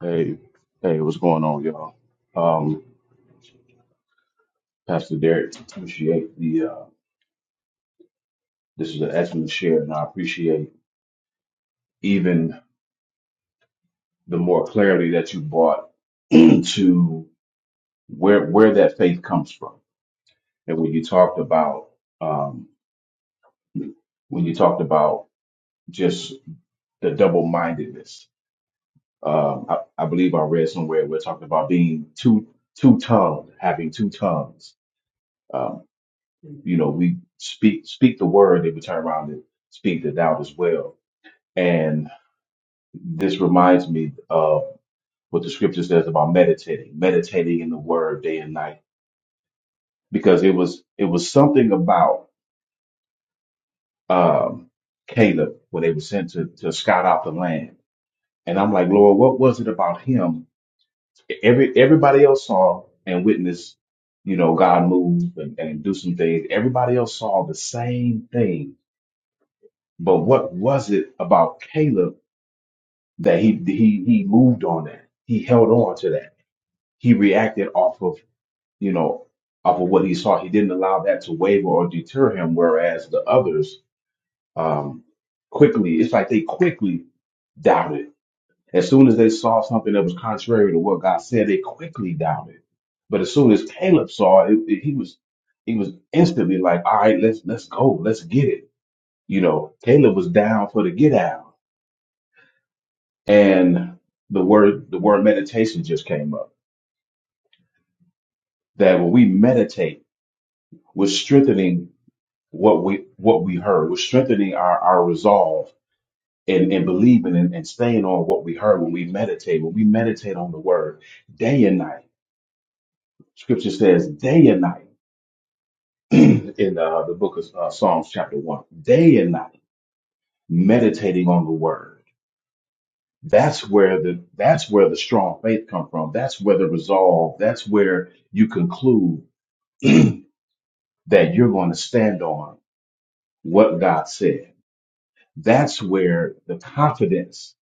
Hey, hey, what's going on, y'all? Um, Pastor Derek, appreciate the uh, this is an excellent share, and I appreciate even the more clarity that you brought to where where that faith comes from. And when you talked about um, when you talked about just the double mindedness, um, I, I believe I read somewhere we're talking about being two two tongued, having two tongues. Um, you know, we speak speak the word, they would turn around and speak the doubt as well. And this reminds me of what the scripture says about meditating, meditating in the word day and night, because it was it was something about um, Caleb when they were sent to to scout out the land, and I'm like, Lord, what was it about him? Every everybody else saw and witnessed, you know, God move and, and do some things. Everybody else saw the same thing But what was it about Caleb that he he he moved on that? He held on to that. He reacted off of you know off of what he saw. He didn't allow that to waver or deter him. Whereas the others um, quickly, it's like they quickly doubted. As soon as they saw something that was contrary to what God said, they quickly doubted. But as soon as Caleb saw it, it- he was he was instantly like, "All right, let's let's go, let's get it." You know, Caleb was down for the get out and the word the word meditation just came up that when we meditate we're strengthening what we what we heard we're strengthening our our resolve and, and believing and, and staying on what we heard when we meditate when we meditate on the word day and night scripture says day and night in uh, the book of uh, psalms chapter 1 day and night meditating on the word that's where the that's where the strong faith come from that's where the resolve that's where you conclude that you're going to stand on what God said. That's where the confidence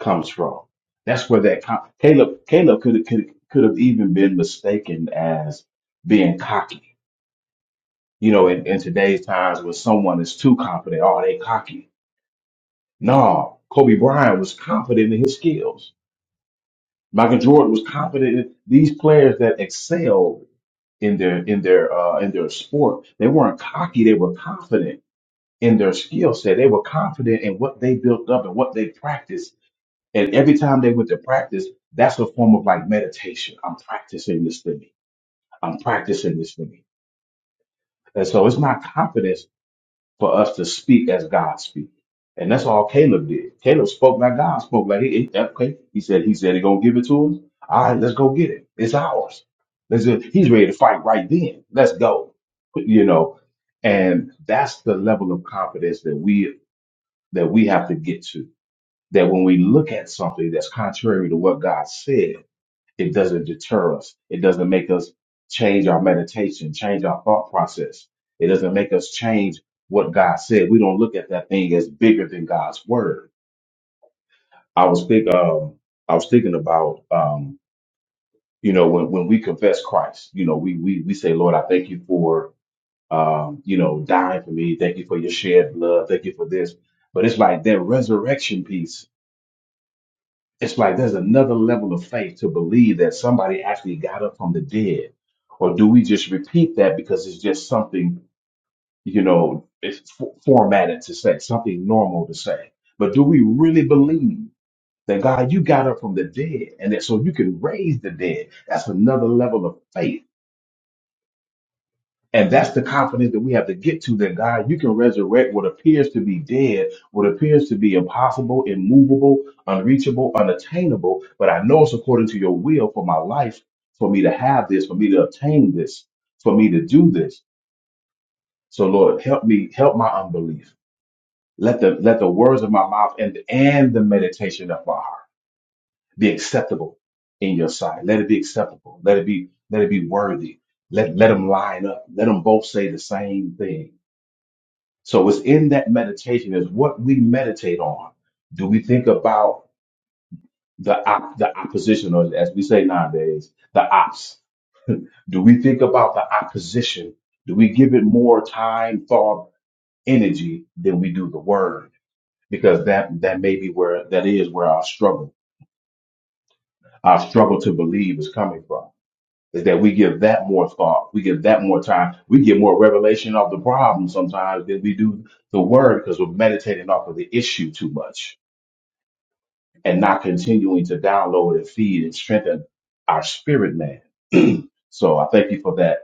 comes from. That's where that con- Caleb Caleb could could could have even been mistaken as being cocky. You know, in, in today's times, when someone is too confident, oh, they cocky. No, Kobe Bryant was confident in his skills. Michael Jordan was confident. In these players that excelled in their in their uh, in their sport, they weren't cocky. They were confident in their skill set. They were confident in what they built up and what they practiced. And every time they went to practice, that's a form of like meditation. I'm practicing this thing. I'm practicing this thing. And so it's not confidence for us to speak as God speaks. And that's all Caleb did. Caleb spoke like God spoke. Like he, he- okay, he said, he said he gonna give it to us. All right, let's go get it. It's ours. Let's just- he's ready to fight right then. Let's go. You know, and that's the level of confidence that we that we have to get to. That when we look at something that's contrary to what God said, it doesn't deter us. It doesn't make us change our meditation, change our thought process. It doesn't make us change what God said. We don't look at that thing as bigger than God's word. I was think um I was thinking about um you know when when we confess Christ, you know we we we say Lord I thank you for um you know dying for me, thank you for your shed blood, thank you for this. But it's like that resurrection piece It's like there's another level of faith to believe that somebody actually got up from the dead. Or do we just repeat that because it's just something, you know, it's f- formatted to say, something normal to say? But do we really believe that God, you got up from the dead and that so you can raise the dead? That's another level of faith and that's the confidence that we have to get to that God, you can resurrect what appears to be dead, what appears to be impossible, immovable, unreachable, unattainable. But I know it's according to your will for my life, for me to have this, for me to obtain this, for me to do this. So Lord, help me, help my unbelief. Let the let the words of my mouth and and the meditation of my heart be acceptable in your sight. Let it be acceptable. Let it be let it be worthy. Let let them line up. Let them both say the same thing So it's in that meditation is what we meditate on. Do we think about the op- the opposition, or as we say nowadays, the ops? Do we think about the opposition? Do we give it more time, thought, energy than we do the word? Because that that may be where that is where our struggle, our struggle to believe is coming from. is that we give that more thought. We give that more time. We get more revelation of the problem sometimes than we do the word because we're meditating off of the issue too much and not continuing to download and feed and strengthen our spirit man. so I thank you for that,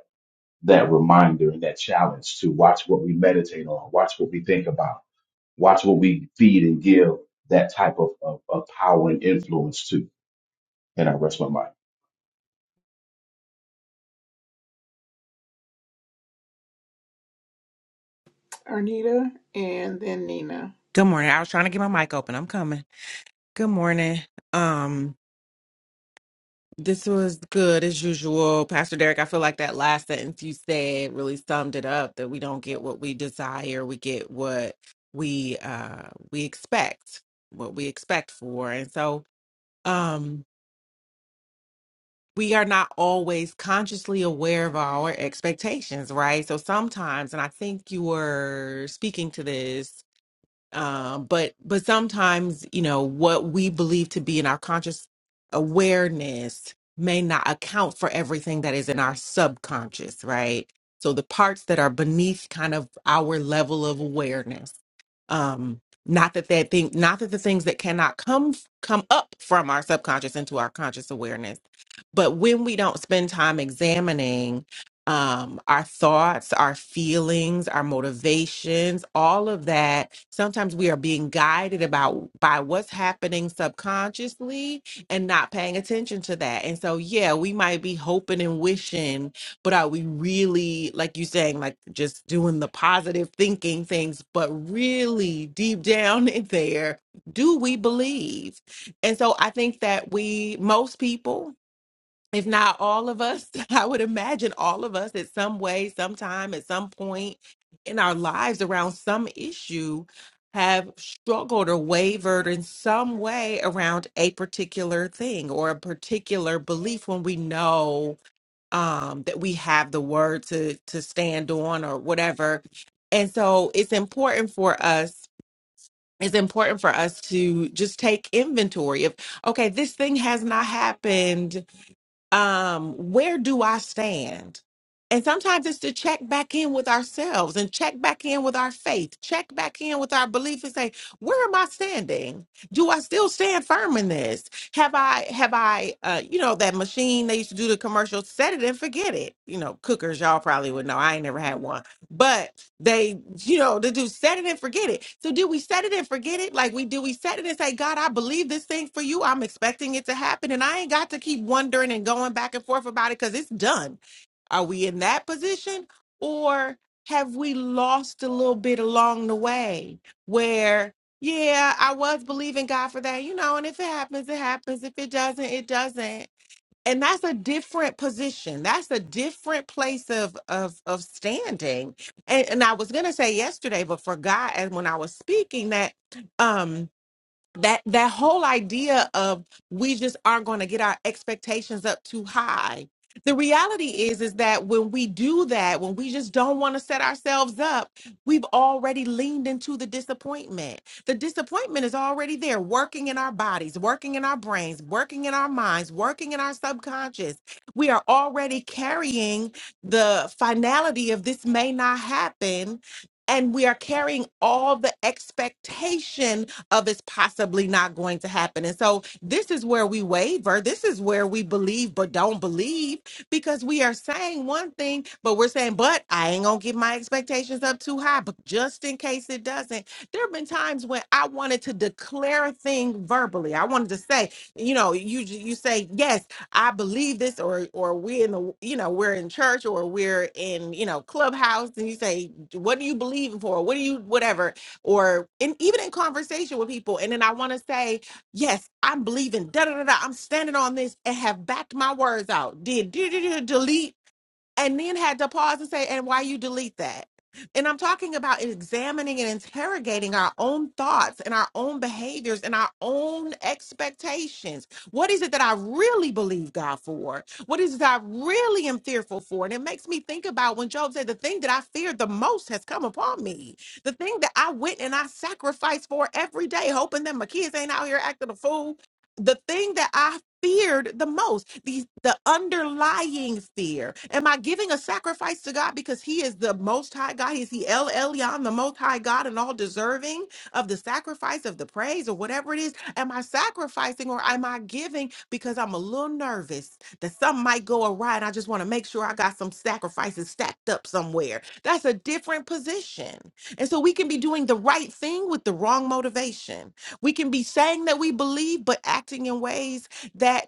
that reminder and that challenge to watch what we meditate on, watch what we think about, watch what we feed and give that type of, of, of power and influence to. And I rest my mind.
Arnita and then Nina.
Good morning. I was trying to get my mic open. I'm coming. Good morning. Um, this was good as usual. Pastor Derek, I feel like that last sentence you said really summed it up that we don't get what we desire, we get what we uh we expect, what we expect for. And so um we are not always consciously aware of our expectations, right? So sometimes, and I think you were speaking to this uh, but but sometimes you know what we believe to be in our conscious awareness may not account for everything that is in our subconscious right so the parts that are beneath kind of our level of awareness um not that that thing not that the things that cannot come come up from our subconscious into our conscious awareness but when we don't spend time examining um, our thoughts, our feelings, our motivations, all of that. Sometimes we are being guided about by what's happening subconsciously and not paying attention to that. And so, yeah, we might be hoping and wishing, but are we really, like you saying, like just doing the positive thinking things, but really deep down in there, do we believe? And so I think that we, most people, if not all of us, I would imagine all of us at some way, sometime, at some point in our lives around some issue have struggled or wavered in some way around a particular thing or a particular belief when we know um, that we have the word to to stand on or whatever. And so it's important for us, it's important for us to just take inventory of, okay, this thing has not happened um, where do I stand? And sometimes it's to check back in with ourselves and check back in with our faith, check back in with our belief and say, where am I standing? Do I still stand firm in this? Have I, have I, uh, you know, that machine they used to do the commercial, set it and forget it. You know, cookers, y'all probably would know. I ain't never had one, but they, you know, to do set it and forget it. So do we set it and forget it? Like we do we set it and say, God, I believe this thing for you. I'm expecting it to happen. And I ain't got to keep wondering and going back and forth about it because it's done. Are we in that position? Or have we lost a little bit along the way where yeah, I was believing God for that, you know, and if it happens, it happens. If it doesn't, it doesn't and that's a different position that's a different place of of of standing and, and i was going to say yesterday but forgot and when i was speaking that um, that that whole idea of we just aren't going to get our expectations up too high the reality is is that when we do that when we just don't want to set ourselves up we've already leaned into the disappointment the disappointment is already there working in our bodies working in our brains working in our minds working in our subconscious we are already carrying the finality of this may not happen and we are carrying all the expectation of it's possibly not going to happen. And so this is where we waver. This is where we believe but don't believe because we are saying one thing, but we're saying, but I ain't gonna get my expectations up too high. But just in case it doesn't, there have been times when I wanted to declare a thing verbally. I wanted to say, you know, you you say, yes, I believe this, or or we in the you know we're in church or we're in you know clubhouse, and you say, what do you believe for? What do you whatever? or in, even in conversation with people. And then I want to say, yes, I'm believing, da da da da, I'm standing on this and have backed my words out. Did do, do, do, delete and then had to pause and say, and why you delete that? And I'm talking about examining and interrogating our own thoughts and our own behaviors and our own expectations. What is it that I really believe God for? What is it that I really am fearful for? And it makes me think about when Job said, The thing that I feared the most has come upon me. The thing that I went and I sacrificed for every day, hoping that my kids ain't out here acting a fool. The thing that I feared the most the the underlying fear am i giving a sacrifice to god because he is the most high god is he el elyon the most high god and all deserving of the sacrifice of the praise or whatever it is am i sacrificing or am i giving because i'm a little nervous that something might go awry and i just want to make sure i got some sacrifices stacked up somewhere that's a different position and so we can be doing the right thing with the wrong motivation we can be saying that we believe but acting in ways that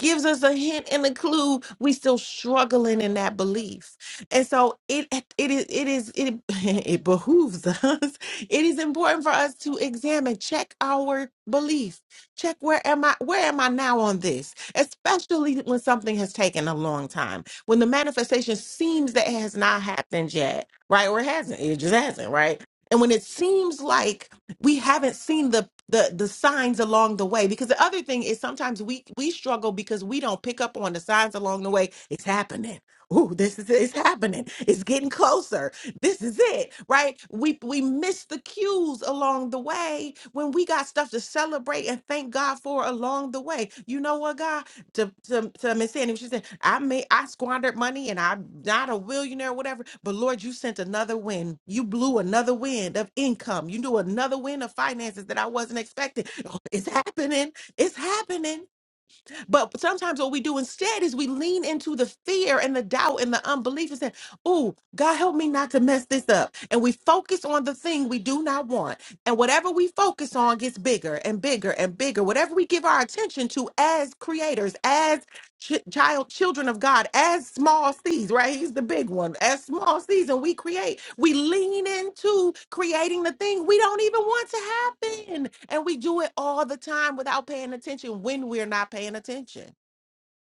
gives us a hint and a clue we still struggling in that belief and so it it is it is it, it behooves us it is important for us to examine check our belief check where am i where am i now on this especially when something has taken a long time when the manifestation seems that it has not happened yet right or it hasn't it just hasn't right and when it seems like we haven't seen the the the signs along the way because the other thing is sometimes we we struggle because we don't pick up on the signs along the way it's happening Ooh, this is it's happening it's getting closer this is it right we we miss the cues along the way when we got stuff to celebrate and thank god for along the way you know what god to to, to Miss Sandy, she said, I may I squandered money and I'm not a millionaire, whatever. But Lord, you sent another wind. You blew another wind of income. You knew another wind of finances that I wasn't expecting. It's happening. It's happening. But sometimes what we do instead is we lean into the fear and the doubt and the unbelief and say, Oh, God help me not to mess this up. And we focus on the thing we do not want. And whatever we focus on gets bigger and bigger and bigger. Whatever we give our attention to as creators, as ch- child children of god as small seeds right he's the big one as small seeds and we create we lean into creating the thing we don't even want to happen and we do it all the time without paying attention when we're not paying attention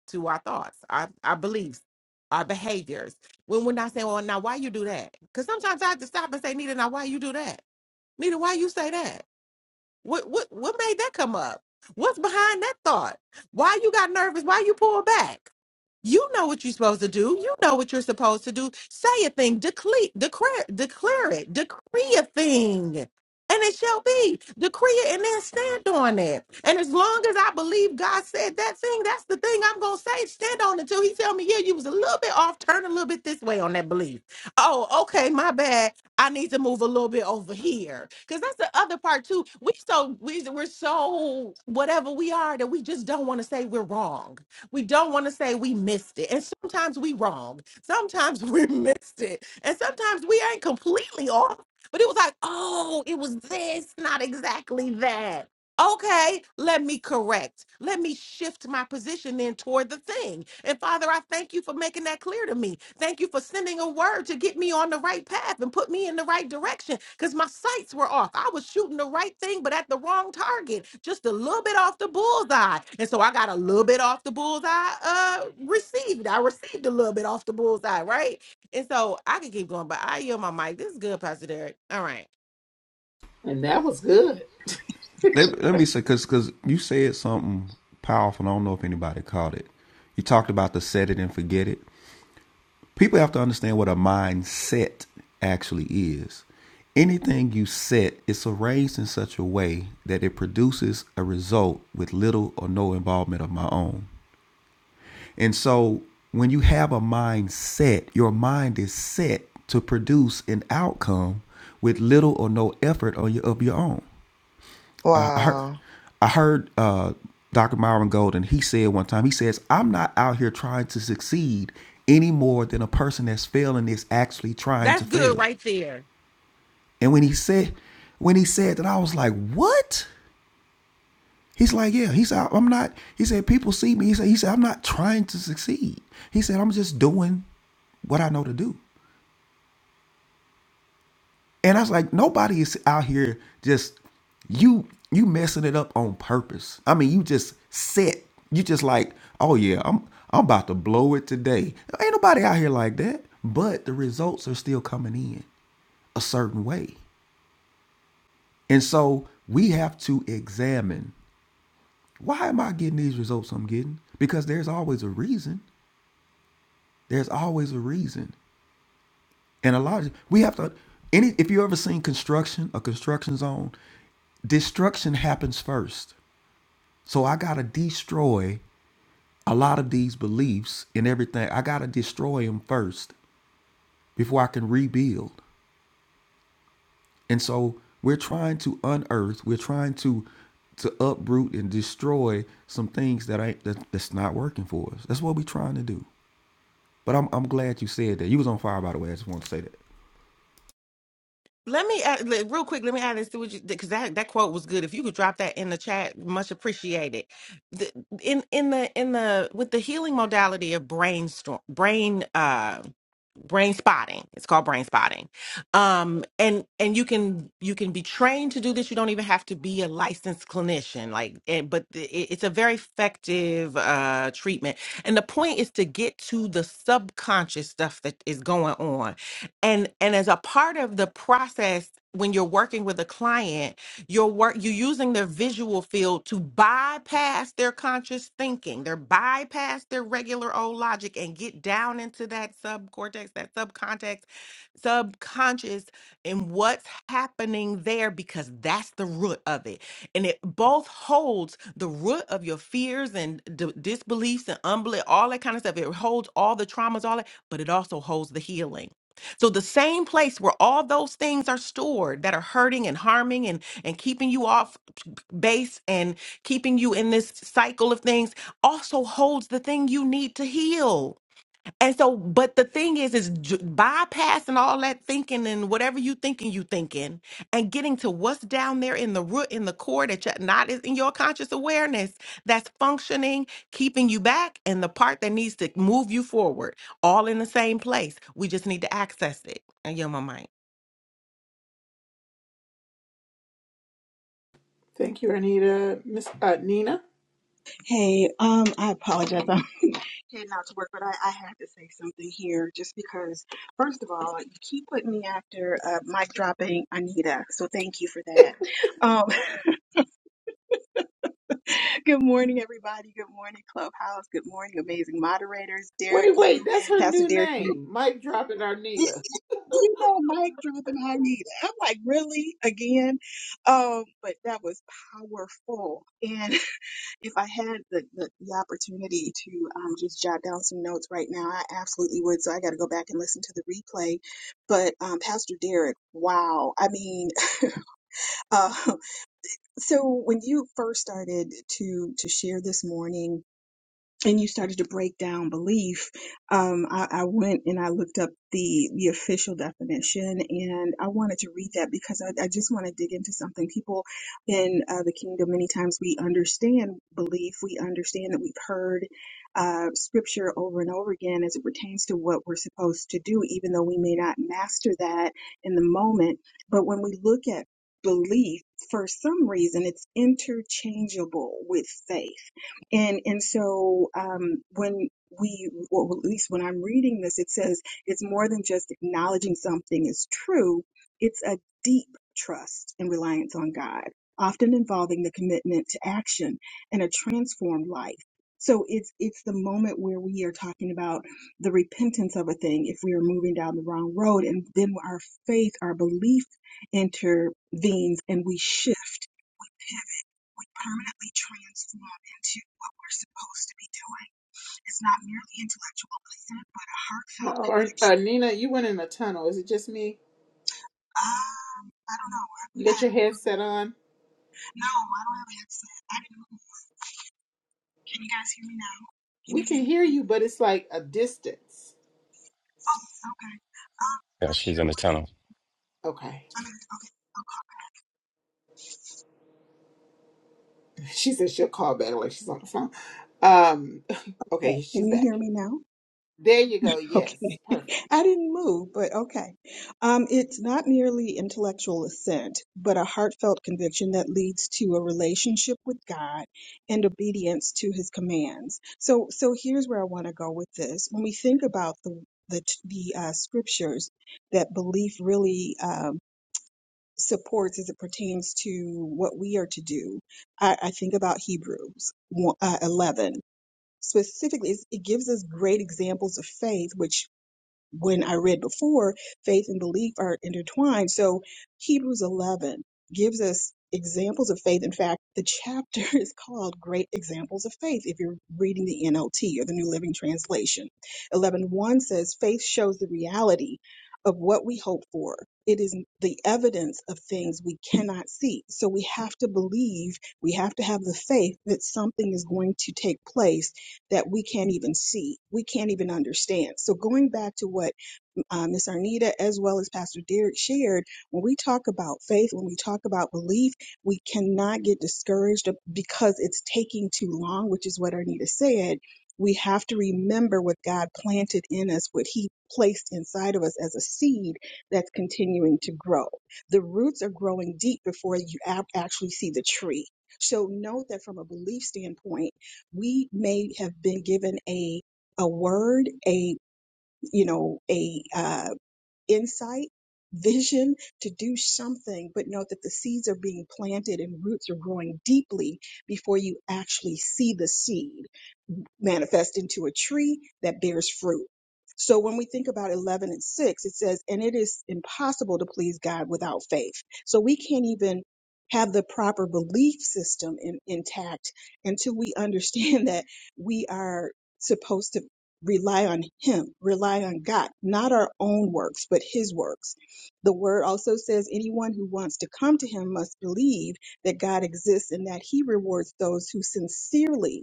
to our thoughts our, our beliefs our behaviors when we're not saying well now why you do that because sometimes i have to stop and say nita now why you do that nita why you say that what what what made that come up? What's behind that thought? Why you got nervous? Why you pull back? You know what you're supposed to do. You know what you're supposed to do. Say a thing, declare, declare, declare it, decree a thing, and it shall be. Decree it and then stand on it. And as long as I believe God said that thing, that's the thing I'm gonna say. Stand on it until He tell me, yeah, you was a little bit off, turn a little bit this way on that belief. Oh, okay, my bad. I need to move a little bit over here. Cause that's the other part too. We so we we're so whatever we are that we just don't want to say we're wrong. We don't want to say we missed it. And sometimes we wrong. Sometimes we missed it. And sometimes we ain't completely off. But it was like, oh, it was this, not exactly that. Okay, let me correct. Let me shift my position then toward the thing. And Father, I thank you for making that clear to me. Thank you for sending a word to get me on the right path and put me in the right direction because my sights were off. I was shooting the right thing, but at the wrong target, just a little bit off the bullseye. And so I got a little bit off the bullseye uh, received. I received a little bit off the bullseye, right? And so I could keep going, but I yield my mic. This is good, Pastor Derek. All right.
And that was good.
Let, let me say, because cause you said something powerful, and I don't know if anybody caught it. You talked about the set it and forget it. People have to understand what a mindset actually is. Anything you set, it's arranged in such a way that it produces a result with little or no involvement of my own. And so when you have a mindset, your mind is set to produce an outcome with little or no effort on your, of your own. I heard,
Wow.
I heard uh, Dr. Myron Golden, he said one time, he says, I'm not out here trying to succeed any more than a person that's failing is actually trying to
That's good
fail.
right there.
And when he said, when he said that, I was like, what? He's like, yeah. He said, I'm not. He said, people see me. He said, he said, I'm not trying to succeed. He said, I'm just doing what I know to do. And I was like, nobody is out here just you you messing it up on purpose. I mean, you just set. You just like, oh yeah, I'm I'm about to blow it today. Ain't nobody out here like that. But the results are still coming in a certain way. And so we have to examine why am I getting these results I'm getting? Because there's always a reason. There's always a reason. And a lot of we have to any if you ever seen construction, a construction zone, destruction happens first. So I gotta destroy a lot of these beliefs and everything. I gotta destroy them first before I can rebuild. And so we're trying to unearth, we're trying to to uproot and destroy some things that ain't that, that's not working for us. That's what we're trying to do. But I'm I'm glad you said that. You was on fire by the way. I just want to say that.
Let me add, le- real quick. Let me add this to what you because that, that quote was good. If you could drop that in the chat, much appreciated. The, in in the in the with the healing modality of brainstorm brain uh, brain spotting it's called brain spotting um and and you can you can be trained to do this you don't even have to be a licensed clinician like and, but the- it- it's a very effective uh treatment and the point is to get to the subconscious stuff that is going on and and as a part of the process when you're working with a client your work, you're using their visual field to bypass their conscious thinking. They're bypass their regular old logic and get down into that subcortex, that subcontext, subconscious, and what's happening there because that's the root of it. And it both holds the root of your fears and d- disbeliefs and unbelief, all that kind of stuff. It holds all the traumas, all that, but it also holds the healing so the same place where all those things are stored that are hurting and harming and and keeping you off base and keeping you in this cycle of things also holds the thing you need to heal. And so, but the thing is, is j- bypassing all that thinking and whatever you thinking, you thinking, and getting to what's down there in the root, in the core that you're not is in your conscious awareness that's functioning, keeping you back, and the part that needs to move you forward, all in the same place. We just need to access it. And you're my mind.
Thank you, Arnita. Miss uh, Nina.
Hey, um, I apologize. I'm heading out to work, but I, I have to say something here just because, first of all, you keep putting me after uh, mic dropping Anita, so thank you for that. Um, good morning, everybody. Good morning, Clubhouse. Good morning, amazing moderators. Derek,
Wait,
you,
wait, that's her
Pastor
new
Derek, you,
name. Mike dropping Arnita.
you know, mic dropping Anita. I'm like, really? Again? Um, but that was powerful. And if I had the, the, the opportunity to um, just jot down some notes right now, I absolutely would. So I got to go back and listen to the replay. But um, Pastor Derek, wow! I mean, uh, so when you first started to to share this morning and you started to break down belief, um, I, I went and I looked up the the official definition, and I wanted to read that because I, I just want to dig into something. People in uh, the kingdom, many times we understand belief, we understand that we've heard uh, scripture over and over again as it pertains to what we're supposed to do, even though we may not master that in the moment. But when we look at belief, for some reason, it's interchangeable with faith and and so um, when we, or at least when I'm reading this, it says it's more than just acknowledging something is true. It's a deep trust and reliance on God, often involving the commitment to action and a transformed life. So it's it's the moment where we are talking about the repentance of a thing if we are moving down the wrong road, and then our faith, our belief intervenes, and we shift we permanently transform into what we're supposed to be doing. It's not merely intellectual assent, but a heartfelt.
Oh, or,
consent.
uh, Nina, you went in a tunnel. Is it just me?
Um, I don't know. I,
You
I
got
had
your
to move.
headset on?
No, I don't have accent. I didn't move. Can you guys hear me now? Can
We
you hear
can
me?
hear you, but it's like a distance.
Oh, okay. Um,
Yeah,
I'm
she's
sure.
in the tunnel.
Okay.
I'm in.
She said she'll call back like she's on the phone. Um,
Yes.
okay,
Can
she's
you
back.
hear me now?
There you go. Yes,
Okay.
perfect.
I didn't move, but okay. Um, it's not merely intellectual assent, but a heartfelt conviction that leads to a relationship with God and obedience to his commands. So, so here's where I want to go with this. When we think about the, the, the uh, scriptures that belief really, um, supports as it pertains to what we are to do, I, I think about Hebrews one- uh, 11. Specifically, it's- it gives us great examples of faith, which when I read before, faith and belief are intertwined. So Hebrews 11 gives us examples of faith. In fact, the chapter is called Great Examples of Faith if you're reading the NLT or the New Living Translation. 11.1 says, Faith shows the reality of what we hope for. It is the evidence of things we cannot see. So we have to believe, we have to have the faith that something is going to take place that we can't even see, we can't even understand. So going back to what uh, Miss Arnita, as well as Pastor Derek shared, when we talk about faith, when we talk about belief, we cannot get discouraged because it's taking too long, which is what Arnita said. We have to remember what God planted in us, what He placed inside of us as a seed that's continuing to grow. The roots are growing deep before you ab- actually see the tree. So note that from a belief standpoint, we may have been given a a word, a you know, a uh, insight, vision to do something, but know that the seeds are being planted and roots are growing deeply before you actually see the seed manifest into a tree that bears fruit. So when we think about 11 and 6, it says, and it is impossible to please God without faith. So we can't even have the proper belief system in, intact until we understand that we are supposed to rely on Him, rely on God, not our own works, but His works. The word also says, anyone who wants to come to Him must believe that God exists and that He rewards those who sincerely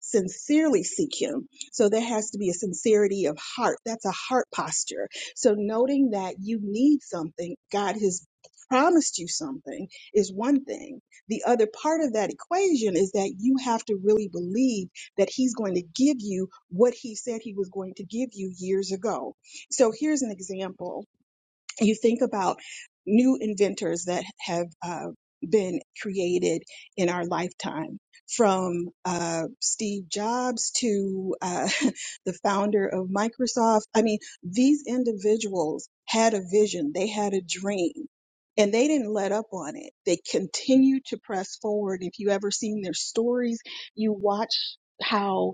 sincerely seek him so there has to be a sincerity of heart that's a heart posture so noting that you need something god has promised you something is one thing the other part of that equation is that you have to really believe that he's going to give you what he said he was going to give you years ago so here's an example you think about new inventors that have uh, been created in our lifetime, from uh, Steve Jobs to uh, the founder of Microsoft. I mean, these individuals had a vision, they had a dream. And they didn't let up on it. They continued to press forward. If you ever seen their stories, you watch how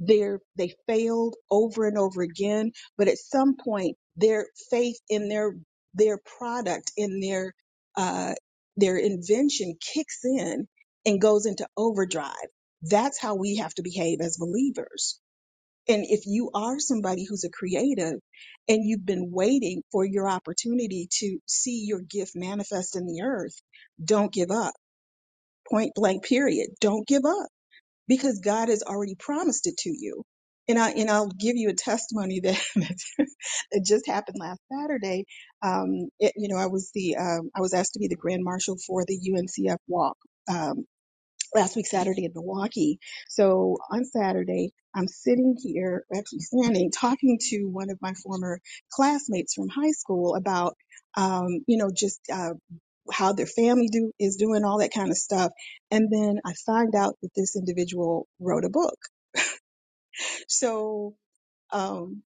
they're, they failed over and over again. But at some point, their faith in their their product and their uh, their invention kicks in and goes into overdrive. That's how we have to behave as believers. And if you are somebody who's a creative and you've been waiting for your opportunity to see your gift manifest in the earth, don't give up. Point blank, period. Don't give up because God has already promised it to you. And I and I'll give you a testimony that that just happened last Saturday. Um, it, you know, I was the um, I was asked to be the grand marshal for the UNCF walk um, last week Saturday in Milwaukee. So on Saturday, I'm sitting here, actually standing, talking to one of my former classmates from high school about um, you know just uh, how their family do is doing all that kind of stuff and then i find out that this individual wrote a book so um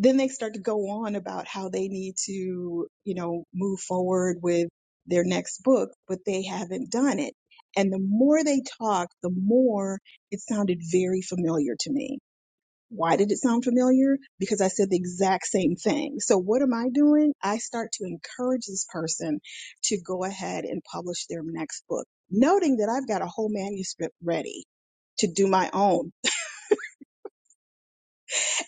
then they start to go on about how they need to you know move forward with their next book but they haven't done it and the more they talk the more it sounded very familiar to me why did it sound familiar? Because I said the exact same thing. So what am I doing? I start to encourage this person to go ahead and publish their next book, noting that I've got a whole manuscript ready to do my own.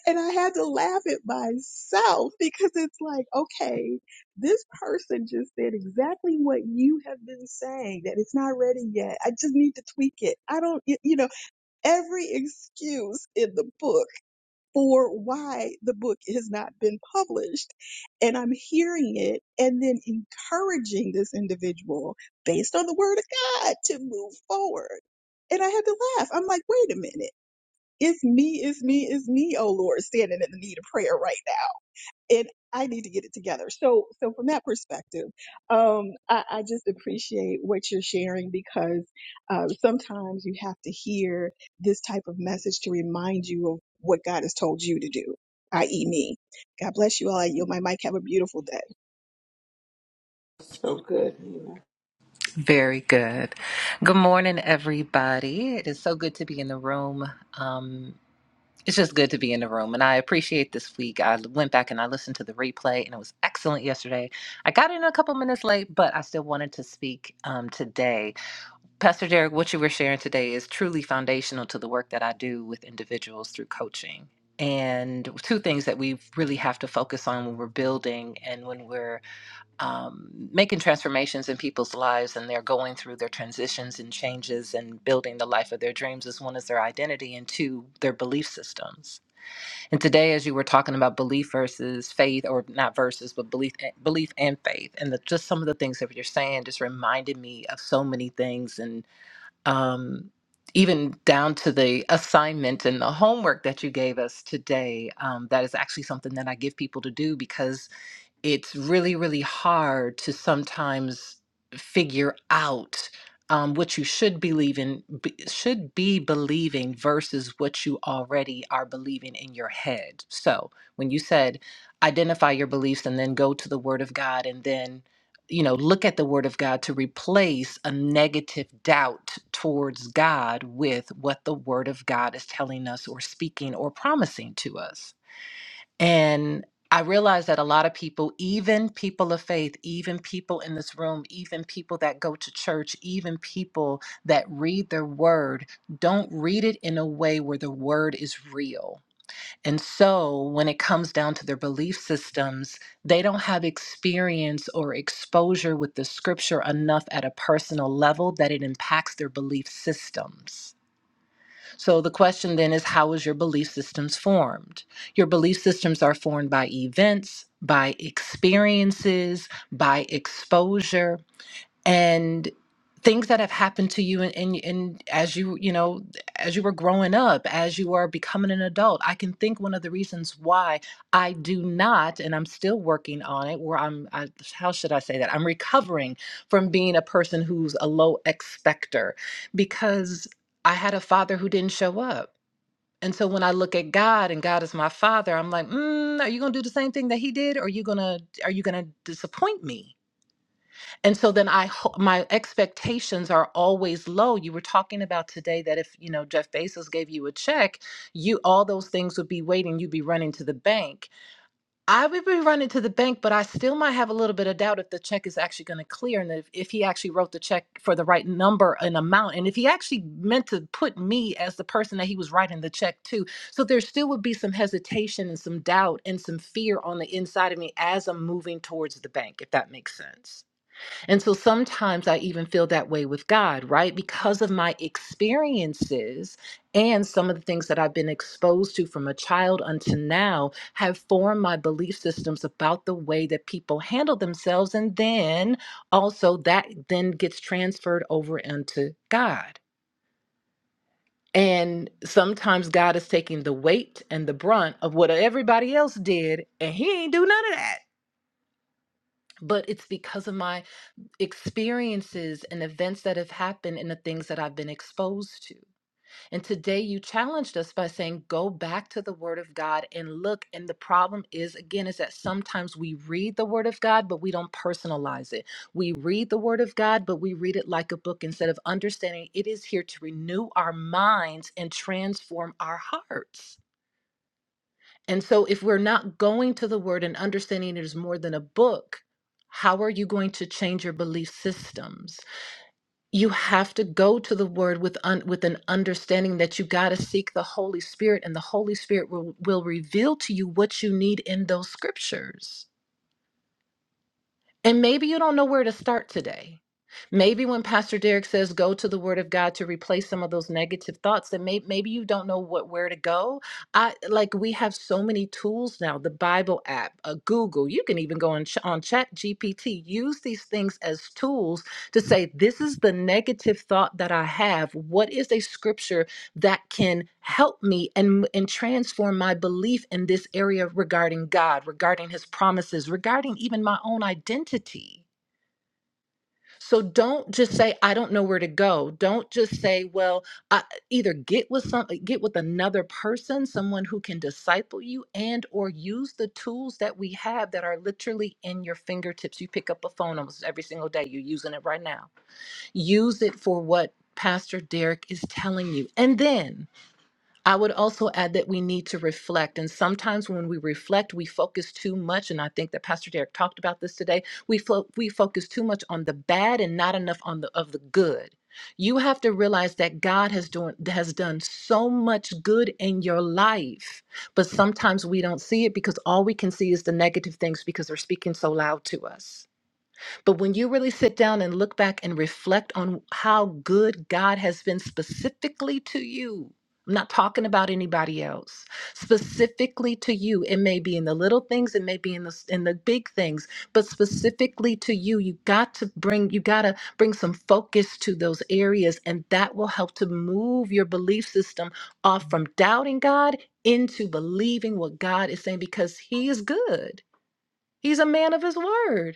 And I had to laugh at myself because it's like, okay, this person just said exactly what you have been saying that it's not ready yet. I just need to tweak it. I don't, you know, every excuse in the book for why the book has not been published. And I'm hearing it and then encouraging this individual based on the word of God to move forward. And I had to laugh. I'm like, wait a minute. It's me, it's me, it's me, oh Lord, standing in the need of prayer right now and I need to get it together. So, so from that perspective, um, I, I just appreciate what you're sharing because uh, sometimes you have to hear this type of message to remind you of what God has told you to do, i.e., me. God bless you all. I yield my mic. Have a beautiful day.
So good, Nina.
Very good. Good morning, everybody. It is so good to be in the room. Um, it's just good to be in the room, and I appreciate this week. I went back and I listened to the replay, and it was excellent yesterday. I got in a couple minutes late, but I still wanted to speak um, today. Pastor Derek, what you were sharing today is truly foundational to the work that I do with individuals through coaching. And two things that we really have to focus on when we're building and when we're um, making transformations in people's lives and they're going through their transitions and changes and building the life of their dreams as one is their identity and two their belief systems and today as you were talking about belief versus faith or not versus but belief eh, belief and faith and the, just some of the things that you're saying just reminded me of so many things and um, even down to the assignment and the homework that you gave us today um, that is actually something that i give people to do because it's really, really hard to sometimes figure out um, what you should believe in, b- should be believing versus what you already are believing in your head. So when you said identify your beliefs and then go to the Word of God and then you know look at the word of god to replace a negative doubt towards god with what the word of god is telling us or speaking or promising to us and I realize that a lot of people, even people of faith, even people in this room, even people that go to church, even people that read their word, don't read it in a way where the word is real. And so when it comes down to their belief systems, they don't have experience or exposure with the scripture enough at a personal level that it impacts their belief systems. So the question then is how was your belief systems formed? Your belief systems are formed by events, by experiences, by exposure, and things that have happened to you and in, in, in as you you know as you were growing up as you are becoming an adult i can think one of the reasons why i do not and i'm still working on it where i'm I, how should i say that i'm recovering from being a person who's a low expector because i had a father who didn't show up and so when i look at god and god is my father i'm like mm, are you going to do the same thing that he did or are you going to are you going to disappoint me and so then i ho- my expectations are always low you were talking about today that if you know jeff bezos gave you a check you all those things would be waiting you'd be running to the bank i would be running to the bank but i still might have a little bit of doubt if the check is actually going to clear and if, if he actually wrote the check for the right number and amount and if he actually meant to put me as the person that he was writing the check to so there still would be some hesitation and some doubt and some fear on the inside of me as i'm moving towards the bank if that makes sense and so sometimes I even feel that way with God, right? Because of my experiences and some of the things that I've been exposed to from a child until now have formed my belief systems about the way that people handle themselves. And then also that then gets transferred over into God. And sometimes God is taking the weight and the brunt of what everybody else did, and He ain't do none of that. But it's because of my experiences and events that have happened and the things that I've been exposed to. And today you challenged us by saying, go back to the Word of God and look. And the problem is, again, is that sometimes we read the Word of God, but we don't personalize it. We read the Word of God, but we read it like a book instead of understanding it is here to renew our minds and transform our hearts. And so if we're not going to the Word and understanding it is more than a book, how are you going to change your belief systems? you have to go to the word with un, with an understanding that you got to seek the holy spirit and the holy spirit will, will reveal to you what you need in those scriptures and maybe you don't know where to start today. Maybe when Pastor Derek says go to the Word of God to replace some of those negative thoughts, then may, maybe you don't know what where to go. I like we have so many tools now: the Bible app, uh, Google. You can even go on ch- on Chat GPT. Use these things as tools to say, "This is the negative thought that I have. What is a scripture that can help me and and transform my belief in this area regarding God, regarding his promises, regarding even my own identity. So don't just say I don't know where to go. Don't just say, well, I, either get with some get with another person, someone who can disciple you and or use the tools that we have that are literally in your fingertips. You pick up a phone almost every single day. You're using it right now. Use it for what Pastor Derek is telling you. And then I would also add that we need to reflect. And sometimes when we reflect, we focus too much. And I think that Pastor Derek talked about this today. We, fo- we focus too much on the bad and not enough on the of the good. You have to realize that God has doing has done so much good in your life, but sometimes we don't see it because all we can see is the negative things because they're speaking so loud to us. But when you really sit down and look back and reflect on how good God has been specifically to you, I'm not talking about anybody else. Specifically to you, it may be in the little things, it may be in the in the big things, but specifically to you, you got to bring you got to bring some focus to those areas and that will help to move your belief system off from doubting God into believing what God is saying because he is good. He's a man of his word.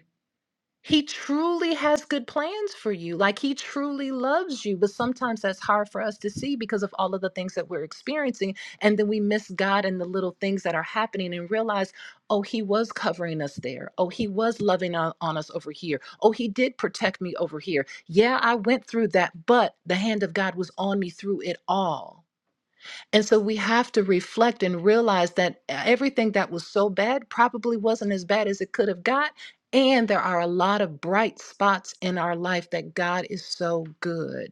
He truly has good plans for you. Like he truly loves you. But sometimes that's hard for us to see because of all of the things that we're experiencing. And then we miss God and the little things that are happening and realize, oh, he was covering us there. Oh, he was loving on, on us over here. Oh, he did protect me over here. Yeah, I went through that, but the hand of God was on me through it all. And so we have to reflect and realize that uh, everything that was so bad probably wasn't as bad as it could have got. And there are a lot of bright spots in our life that God is so good.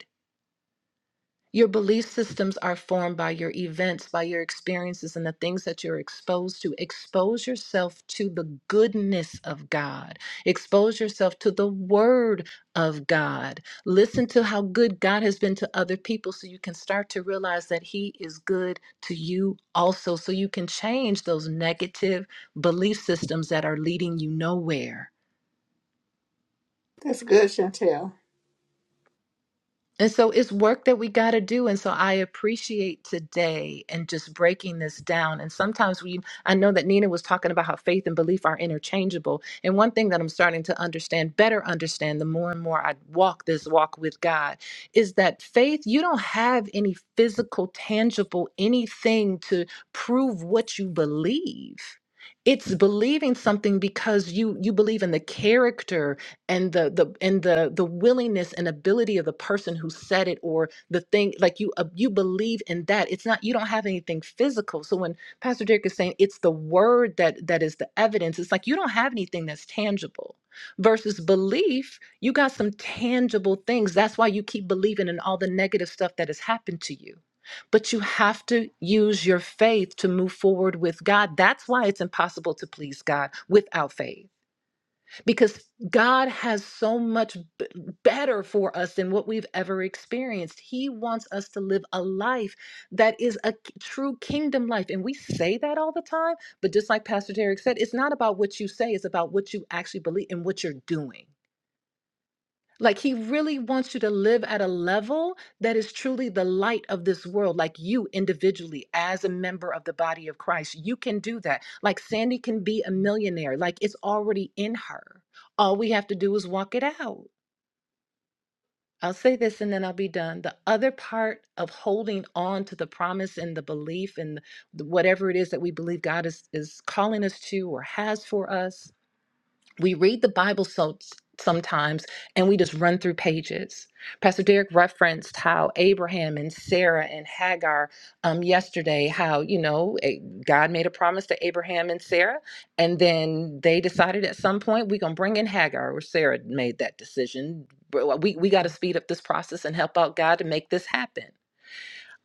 Your belief systems are formed by your events, by your experiences, and the things that you're exposed to. Expose yourself to the goodness of God. Expose yourself to the word of God. Listen to how good God has been to other people so you can start to realize that He is good to you also. So you can change those negative belief systems that are leading you nowhere.
That's good, Chantel.
And so it's work that we got to do. And so I appreciate today and just breaking this down. And sometimes we, I know that Nina was talking about how faith and belief are interchangeable. And one thing that I'm starting to understand, better understand, the more and more I walk this walk with God, is that faith, you don't have any physical, tangible, anything to prove what you believe. It's believing something because you you believe in the character and the the and the the willingness and ability of the person who said it or the thing like you uh, you believe in that it's not you don't have anything physical so when pastor derek is saying it's the word that that is the evidence it's like you don't have anything that's tangible versus belief you got some tangible things that's why you keep believing in all the negative stuff that has happened to you but you have to use your faith to move forward with god that's why it's impossible to please god without faith because God has so much b- better for us than what we've ever experienced. He wants us to live a life that is a k- true kingdom life. And we say that all the time, but just like Pastor Derek said, it's not about what you say, it's about what you actually believe and what you're doing. Like he really wants you to live at a level that is truly the light of this world. Like you individually, as a member of the body of Christ, you can do that. Like Sandy can be a millionaire. Like it's already in her. All we have to do is walk it out. I'll say this and then I'll be done. The other part of holding on to the promise and the belief and the- whatever it is that we believe God is, is calling us to or has for us we read the Bible so sometimes and we just run through pages. Pastor Derek referenced how Abraham and Sarah and Hagar um, yesterday, how, you know, eh, God made a promise to Abraham and Sarah, and then they decided at some point we're going to bring in Hagar, or Sarah made that decision. Bro, We, we got to speed up this process and help out God to make this happen.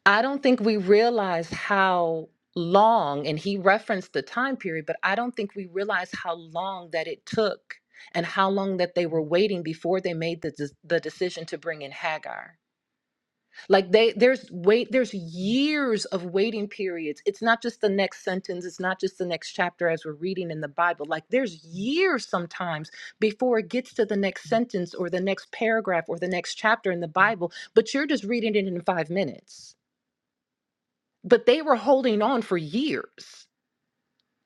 I don't think we realize how long, and he referenced the time period, but I don't think we realize how long that it took and how long that they were waiting before they made the, des- the decision to bring in Hagar. Like they there's wait there's years of waiting periods. It's not just the next sentence, it's not just the next chapter as we're reading in the Bible. Like there's years sometimes before it gets to the next sentence or the next paragraph or the next chapter in the Bible, but you're just reading it in 5 minutes but they were holding on for years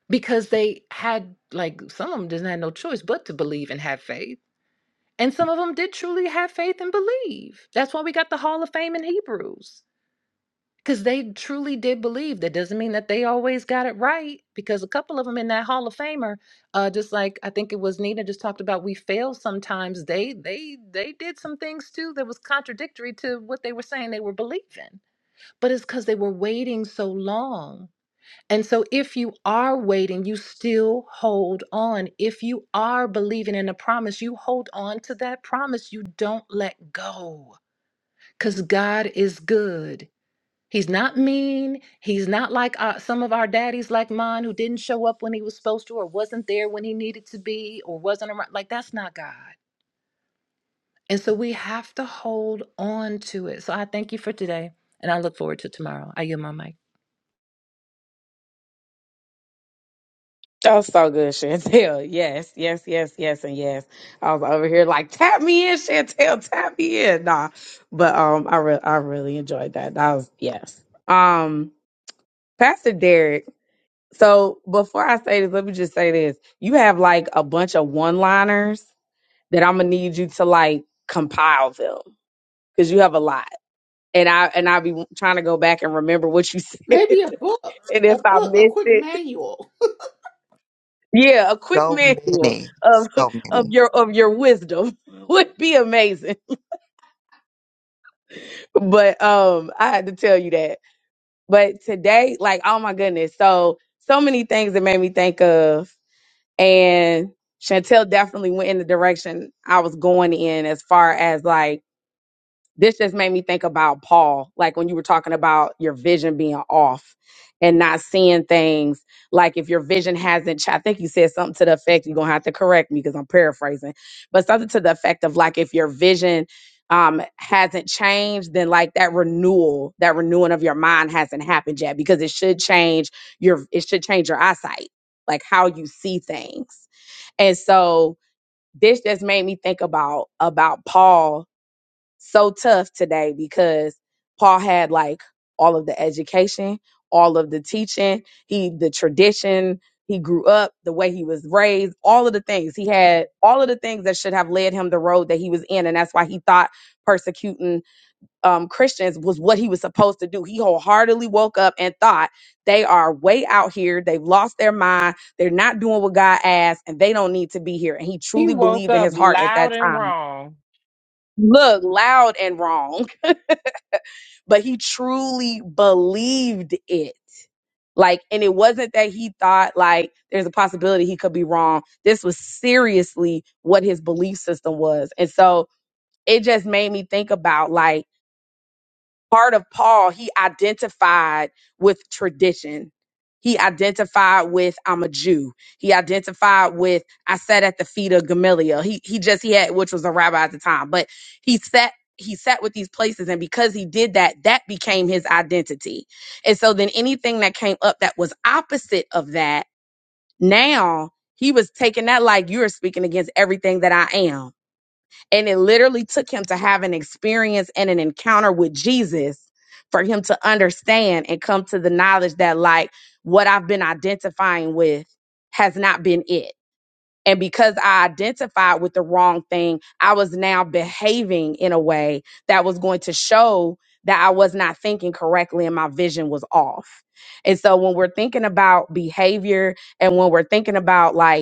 because they had like some of them didn't have no choice but to believe and have faith and some of them did truly have faith and believe that's why we got the hall of fame in hebrews because they truly did believe that doesn't mean that they always got it right because a couple of them in that hall of famer uh, just like i think it was nina just talked about we fail sometimes they they they did some things too that was contradictory to what they were saying they were believing but it's because they were waiting so long and so, if you are waiting, you still hold on. If you are believing in a promise, you hold on to that promise. You don't let go because God is good. He's not mean. He's not like uh, some of our daddies, like mine, who didn't show up when he was supposed to, or wasn't there when he needed to be, or wasn't around. Like, that's not God. And so, we have to hold on to it. So, I thank you for today, and I look forward to tomorrow. I yield my mic.
Oh, so good, Chantel. Yes, yes, yes, yes, and yes. I was over here like, tap me in, Chantel, tap me in. Nah, but um, I re- I really enjoyed that. That was yes. Um, Pastor Derek. So before I say this, let me just say this: you have like a bunch of one-liners that I'm gonna need you to like compile them because you have a lot, and I and I'll be trying to go back and remember what you said,
Maybe a
and
book, a
if I
book, a
missed
quick
it.
manual.
Yeah, a quick
So
manual
many.
of
So
of
many.
your of your wisdom would be amazing. But um I had to tell you that. But today, like oh my goodness, so so many things that made me think of and Chantel definitely went in the direction I was going in as far as like this just made me think about Paul, like when you were talking about your vision being off and not seeing things. Like if your vision hasn't, ch- I think you said something to the effect, you're going to have to correct me because I'm paraphrasing, but something to the effect of like if your vision um hasn't changed then like that renewal that renewing of your mind hasn't happened yet because it should change your it should change your eyesight like how you see things and so this just made me think about about Paul so tough today because Paul had like all of the education, all of the teaching, he the tradition, he grew up, the way he was raised, all of the things. He had all of the things that should have led him the road that he was in and that's why he thought persecuting um Christians was what he was supposed to do. He wholeheartedly woke up and thought they are way out here, they've lost their mind, they're not doing what God asked and they don't need to be here and he
He
truly
woke
believed in
up
his heart at
loud
that
and
time.
wrong.
Look, loud and wrong but he truly believed it. Like, and it wasn't that he thought like there's a possibility he could be wrong. This was seriously what his belief system was. And so it just made me think about like part of Paul, he identified with tradition. He identified with I'm a Jew. He identified with I sat at the feet of Gamaliel. He he just he had which was a rabbi at the time, but he sat he sat with these places and because he did that that became his identity. And so then anything that came up that was opposite of that, now he was taking that like you're speaking against everything that I am. And it literally took him to have an experience and an encounter with Jesus for him to understand and come to the knowledge that, like, what I've been identifying with has not been it. And because I identified with the wrong thing, I was now behaving in a way that was going to show that I was not thinking correctly and my vision was off. And so when we're thinking about behavior and when we're thinking about like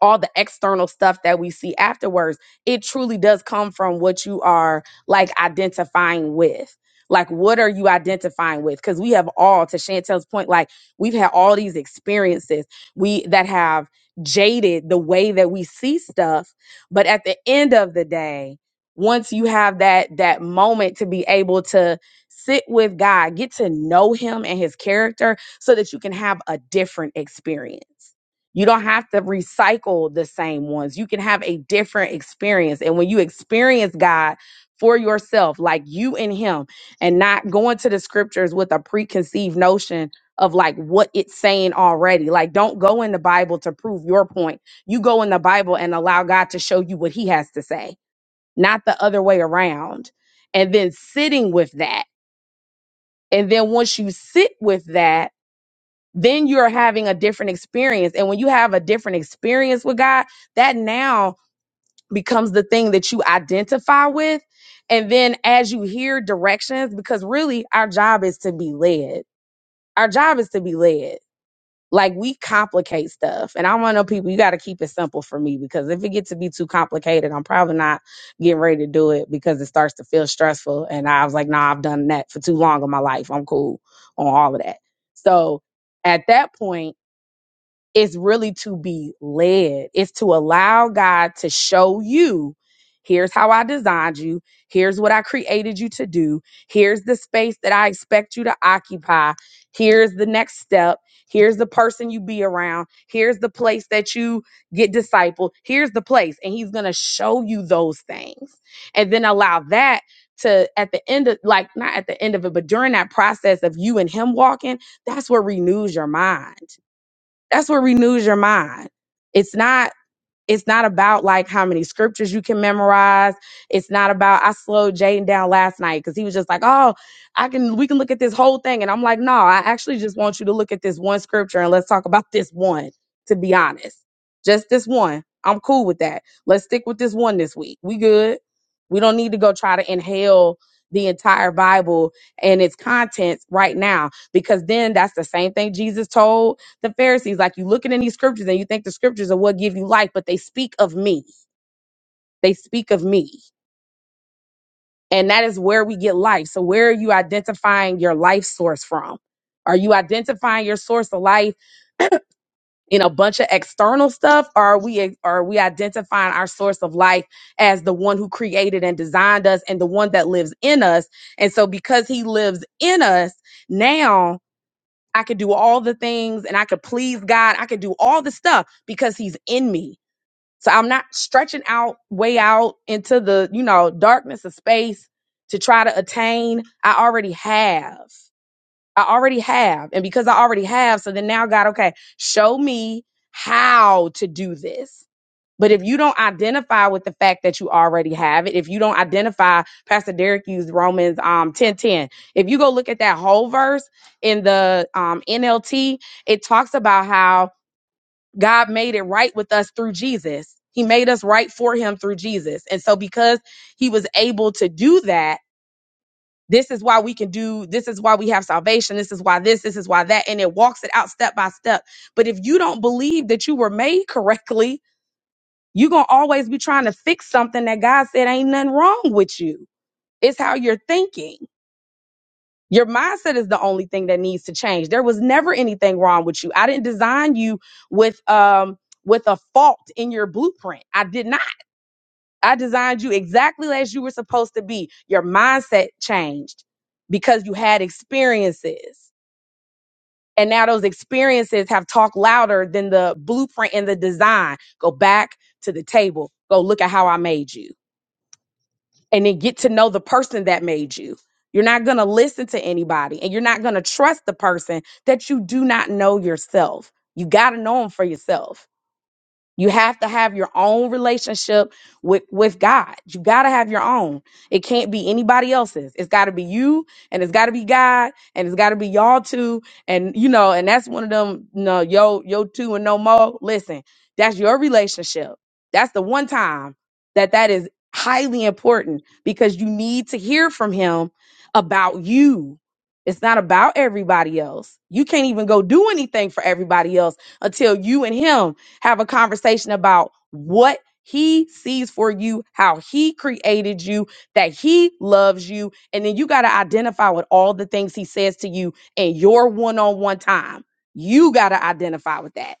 all the external stuff that we see afterwards, it truly does come from what you are like identifying with. Like, what are you identifying with? Because we have all, to Chantel's point, like we've had all these experiences we that have jaded the way that we see stuff. But at the end of the day, once you have that that moment to be able to sit with God, get to know Him and His character, so that you can have a different experience you don't have to recycle the same ones. You can have a different experience. And when you experience God for yourself, like you and Him, and not going to the scriptures with a preconceived notion of like what it's saying already. Like, don't go in the Bible to prove your point. You go in the Bible and allow God to show you what He has to say, not the other way around. And then sitting with that. And then once you sit with that, then you're having a different experience. And when you have a different experience with God, that now becomes the thing that you identify with. And then as you hear directions, because really our job is to be led, our job is to be led. Like we complicate stuff. And I want to know people, you got to keep it simple for me because if it gets to be too complicated, I'm probably not getting ready to do it because it starts to feel stressful. And I was like, nah, I've done that for too long in my life. I'm cool on all of that. So at that point, it's really to be led. It's to allow God to show you here's how I designed you, here's what I created you to do, here's the space that I expect you to occupy, here's the next step, here's the person you be around, here's the place that you get discipled, here's the place. And He's going to show you those things and then allow that. To at the end of like not at the end of it, but during that process of you and him walking, that's what renews your mind that's what renews your mind. It's not it's not about like how many scriptures you can memorize. It's not about I slowed Jaden down last night because he was just like, oh, I can we can look at this whole thing. And I'm like, no, I actually just want you to look at this one scripture and let's talk about this one, to be honest. Just this one. I'm cool with that. Let's stick with this one this week. We good. We don't need to go try to inhale the entire Bible and its contents right now because then that's the same thing Jesus told the Pharisees. Like you looking in these scriptures and you think the scriptures are what give you life, but they speak of me. They speak of me. And that is where we get life. So where are you identifying your life source from? Are you identifying your source of life in a bunch of external stuff? Or are we are we identifying our source of life as the one who created and designed us and the one that lives in us? And so because he lives in us, now I could do all the things and I could please God. I could do all the stuff because he's in me So I'm not stretching out way out into the, you know, darkness of space to try to attain. I already have. I already have. And because I already have, so then now God, okay, show me how to do this. But if you don't identify with the fact that you already have it, if you don't identify, Pastor Derek used Romans um 10:10. If you go look at that whole verse in the um NLT, it talks about how God made it right with us through Jesus. He made us right for him through Jesus. And so because he was able to do that, this is why we can do this is why we have salvation. This is why this, this is why that. And it walks it out step by step. But if you don't believe that you were made correctly, you're gonna always be trying to fix something that God said ain't nothing wrong with you. It's how you're thinking. Your mindset is the only thing that needs to change. There was never anything wrong with you. I didn't design you with um with a fault in your blueprint. I did not. I designed you exactly as you were supposed to be. Your mindset changed because you had experiences. And now those experiences have talked louder than the blueprint and the design. Go back to the table. Go look at how I made you. and then get to know the person that made you. You're not going to listen to anybody and you're not going to trust the person that you do not know yourself. You got to know them for yourself you have to have your own relationship with, with God. You got to have your own. It can't be anybody else's. It's got to be you and it's got to be God and it's got to be y'all two. And, you know, and that's one of them, you know, yo, yo two and no more. Listen, that's your relationship. That's the one time that that is highly important because you need to hear from him about you. It's not about everybody else. You can't even go do anything for everybody else until you and him have a conversation about what he sees for you, how he created you, that he loves you. And then you got to identify with all the things he says to you in your one on one time. You got to identify with that.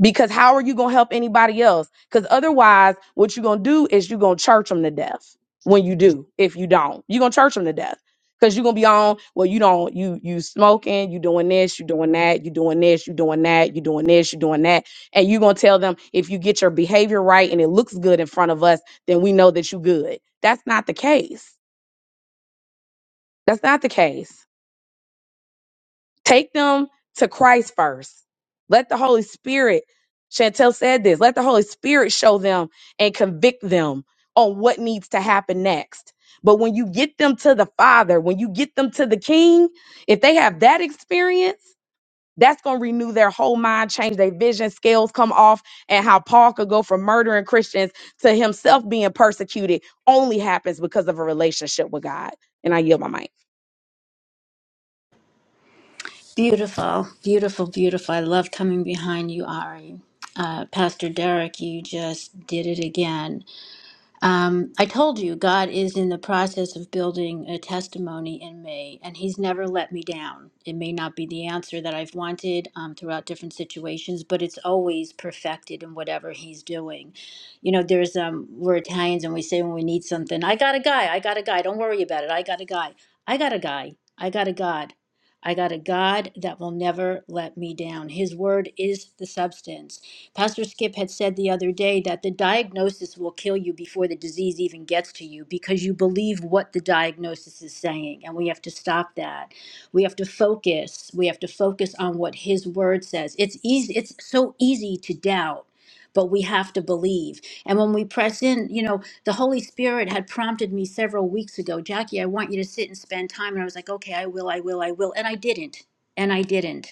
Because how are you going to help anybody else? Because otherwise, what you're going to do is you're going to church them to death when you do. If you don't, you're going to church them to death because you're going to be on, well, you don't, you, you smoking, you doing this, you doing that, you doing this, you doing that, you doing this, you doing that. And you're going to tell them if you get your behavior right and it looks good in front of us, then we know that you good. That's not the case. That's not the case. Take them to Christ first. Let the Holy Spirit, Chantel said this, let the Holy Spirit show them and convict them on what needs to happen next. But when you get them to the Father, when you get them to the King, if they have that experience, that's going to renew their whole mind, change their vision, scales come off, and how Paul could go from murdering Christians to himself being persecuted only happens because of a relationship with God. And I yield my mic.
Beautiful, beautiful, beautiful. I love coming behind you, Ari. Uh, Pastor Derek, you just did it again. Um, I told you God is in the process of building a testimony in me, and He's never let me down. It may not be the answer that I've wanted um, throughout different situations, but it's always perfected in whatever He's doing. You know, there's um, we're Italians and we say when we need something, I got a guy, I got a guy. Don't worry about it. I got a guy. I got a guy. I got a God. I got a God that will never let me down. His word is the substance. Pastor Skip had said the other day that the diagnosis will kill you before the disease even gets to you because you believe what the diagnosis is saying. And we have to stop that. We have to focus. We have to focus on what his word says. It's easy, it's so easy to doubt. But we have to believe. And when we press in, you know, the Holy Spirit had prompted me several weeks ago, Jackie, I want you to sit and spend time. And I was like, okay, I will, I will, I will. And I didn't. And I didn't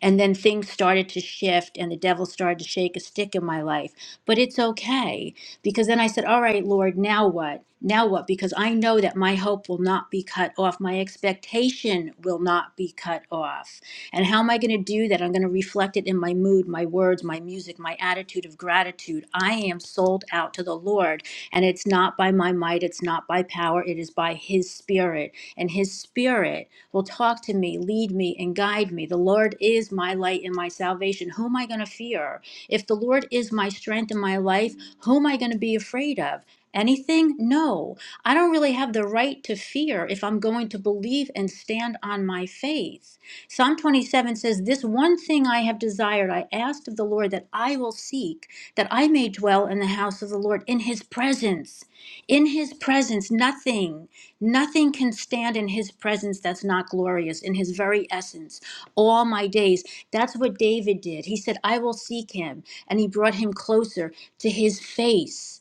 and then things started to shift and the devil started to shake a stick in my life. But it's okay because then I said, All right, Lord, now what? Now what? Because I know that my hope will not be cut off. My expectation will not be cut off. And how am I going to do that? I'm going to reflect it in my mood, my words, my music, my attitude of gratitude. I am sold out to the Lord. And it's not by my might, it's not by power, it is by His Spirit. And His Spirit will talk to me, lead me, and guide me. The Lord is my light and my salvation. Who am I going to fear? If the Lord is my strength in my life, who am I going to be afraid of? Anything? No. I don't really have the right to fear if I'm going to believe and stand on my faith. Psalm 27 says, This one thing I have desired, I asked of the Lord that I will seek, that I may dwell in the house of the Lord, in his presence. In his presence, nothing. Nothing can stand in his presence that's not glorious, in his very essence, all my days. That's what David did. He said, I will seek him. And he brought him closer to his face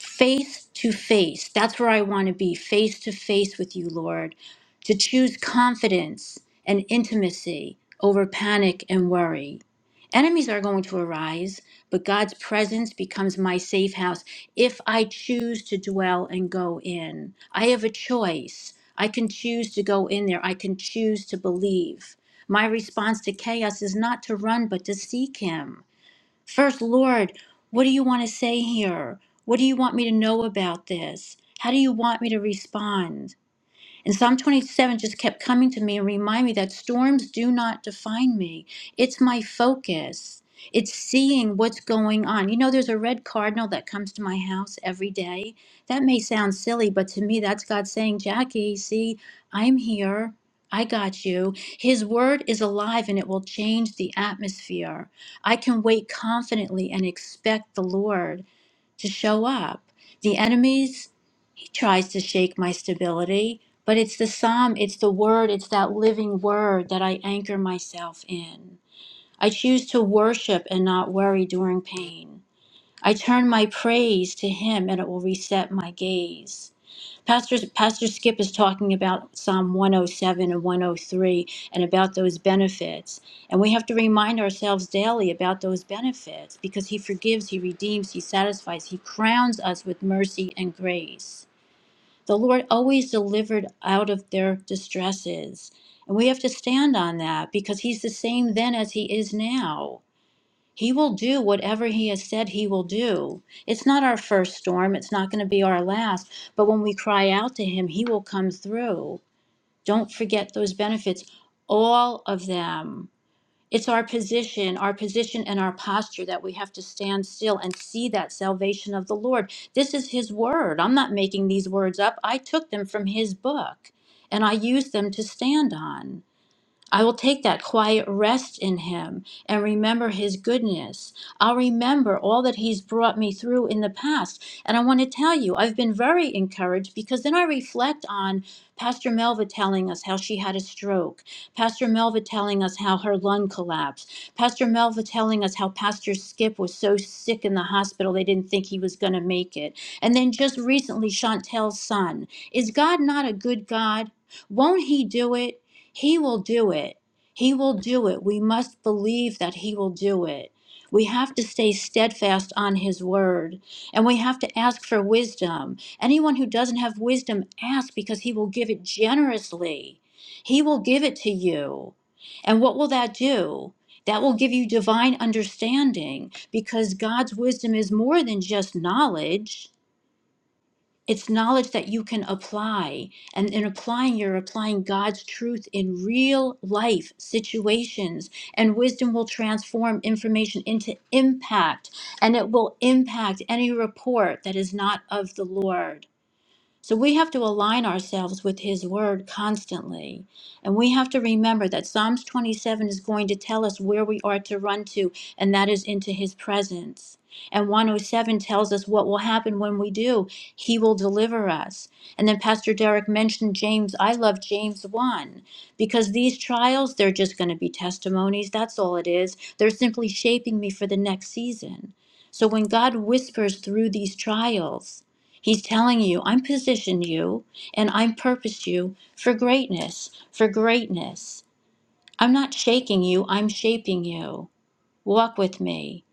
face to face. That's where I want to be, face to face with you, Lord, to choose confidence and intimacy over panic and worry. Enemies are going to arise, but God's presence becomes my safe house if I choose to dwell and go in. I have a choice. I can choose to go in there, I can choose to believe. My response to chaos is not to run, but to seek Him. First, Lord, what do you want to say here? What do you want me to know about this? How do you want me to respond? And Psalm 27 just kept coming to me and remind me that storms do not define me. It's my focus. It's seeing what's going on. You know, there's a red cardinal that comes to my house every day. That may sound silly, but to me, that's God saying, Jackie, see, I'm here. I got you. His word is alive and it will change the atmosphere. I can wait confidently and expect the Lord to show up. The enemies, he tries to shake my stability, but it's the psalm, it's the word, it's that living word that I anchor myself in. I choose to worship and not worry during pain. I turn my praise to him and it will reset my gaze. Pastor, Pastor Skip is talking about Psalm 107 and 103 and about those benefits. And we have to remind ourselves daily about those benefits because He forgives, He redeems, He satisfies, He crowns us with mercy and grace. The Lord always delivered out of their distresses. And we have to stand on that because He's the same then as He is now. He will do whatever He has said He will do. It's not our first storm, it's not going to be our last, but when we cry out to Him, He will come through. Don't forget those benefits, all of them. It's our position, our position and our posture that we have to stand still and see that salvation of the Lord. This is His word. I'm not making these words up. I took them from His book and I use them to stand on. I will take that quiet rest in Him and remember His goodness. I'll remember all that He's brought me through in the past. And I want to tell you, I've been very encouraged because then I reflect on Pastor Melva telling us how she had a stroke, Pastor Melva telling us how her lung collapsed, Pastor Melva telling us how Pastor Skip was so sick in the hospital they didn't think he was going to make it. And then just recently, Chantel's son. Is God not a good God? Won't He do it? He will do it. He will do it. We must believe that He will do it. We have to stay steadfast on His word and we have to ask for wisdom. Anyone who doesn't have wisdom, ask because He will give it generously. He will give it to you. And what will that do? That will give you divine understanding because God's wisdom is more than just knowledge. It's knowledge that you can apply. And in applying, you're applying God's truth in real life situations. And wisdom will transform information into impact, and it will impact any report that is not of the Lord. So we have to align ourselves with His Word constantly. And we have to remember that Psalms 27 is going to tell us where we are to run to, and that is into His presence. And 107 tells us what will happen when we do. He will deliver us. And then Pastor Derek mentioned James. I love James 1 because these trials, they're just going to be testimonies. That's all it is. They're simply shaping me for the next season. So when God whispers through these trials, He's telling you, I'm positioned you and I'm purposed you for greatness, for greatness. I'm not shaking you, I'm shaping you. Walk with me.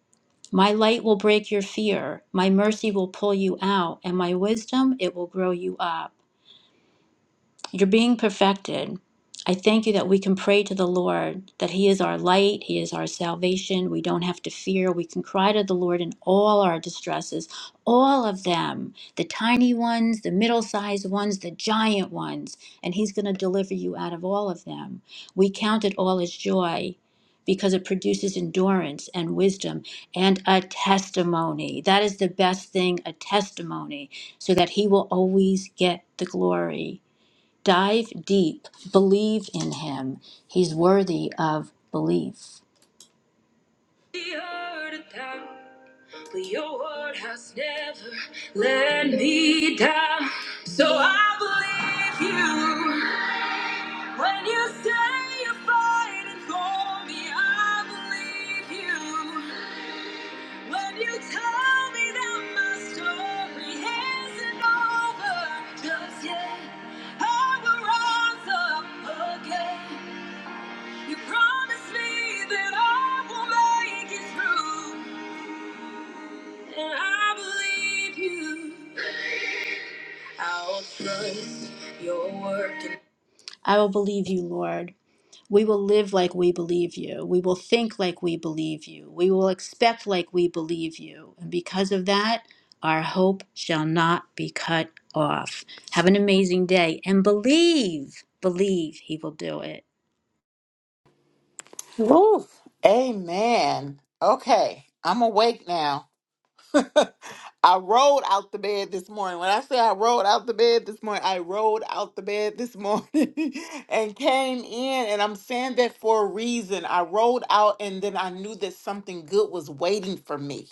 My light will break your fear, my mercy will pull you out, and my wisdom, it will grow you up. You're being perfected. I thank you that we can pray to the Lord, that He is our light, He is our salvation. We don't have to fear. We can cry to the Lord in all our distresses, all of them the tiny ones, the middle sized ones, the giant ones, and He's going to deliver you out of all of them. We count it all as joy because it produces endurance and wisdom and a testimony. That is the best thing a testimony, so that He will always get the glory. Dive deep, believe in him. He's worthy of belief. The earth down, but your word has never let me down. So I believe you when you say you're fighting for me. I believe you when you tell me that my story isn't over just yet. I will rise up again. You promised me that I will make it through, and I believe you. I'll trust your work. I will believe you, Lord. We will live like we believe you. We will think like we believe you. We will expect like we believe you. And because of that, our hope shall not be cut off. Have an amazing day and believe, believe He will do it.
Woo. Amen. Okay. I'm awake now. I rolled out the bed this morning. When I say I rolled out the bed this morning, I rolled out the bed this morning and came in. And I'm saying that for a reason. I rolled out and then I knew that something good was waiting for me.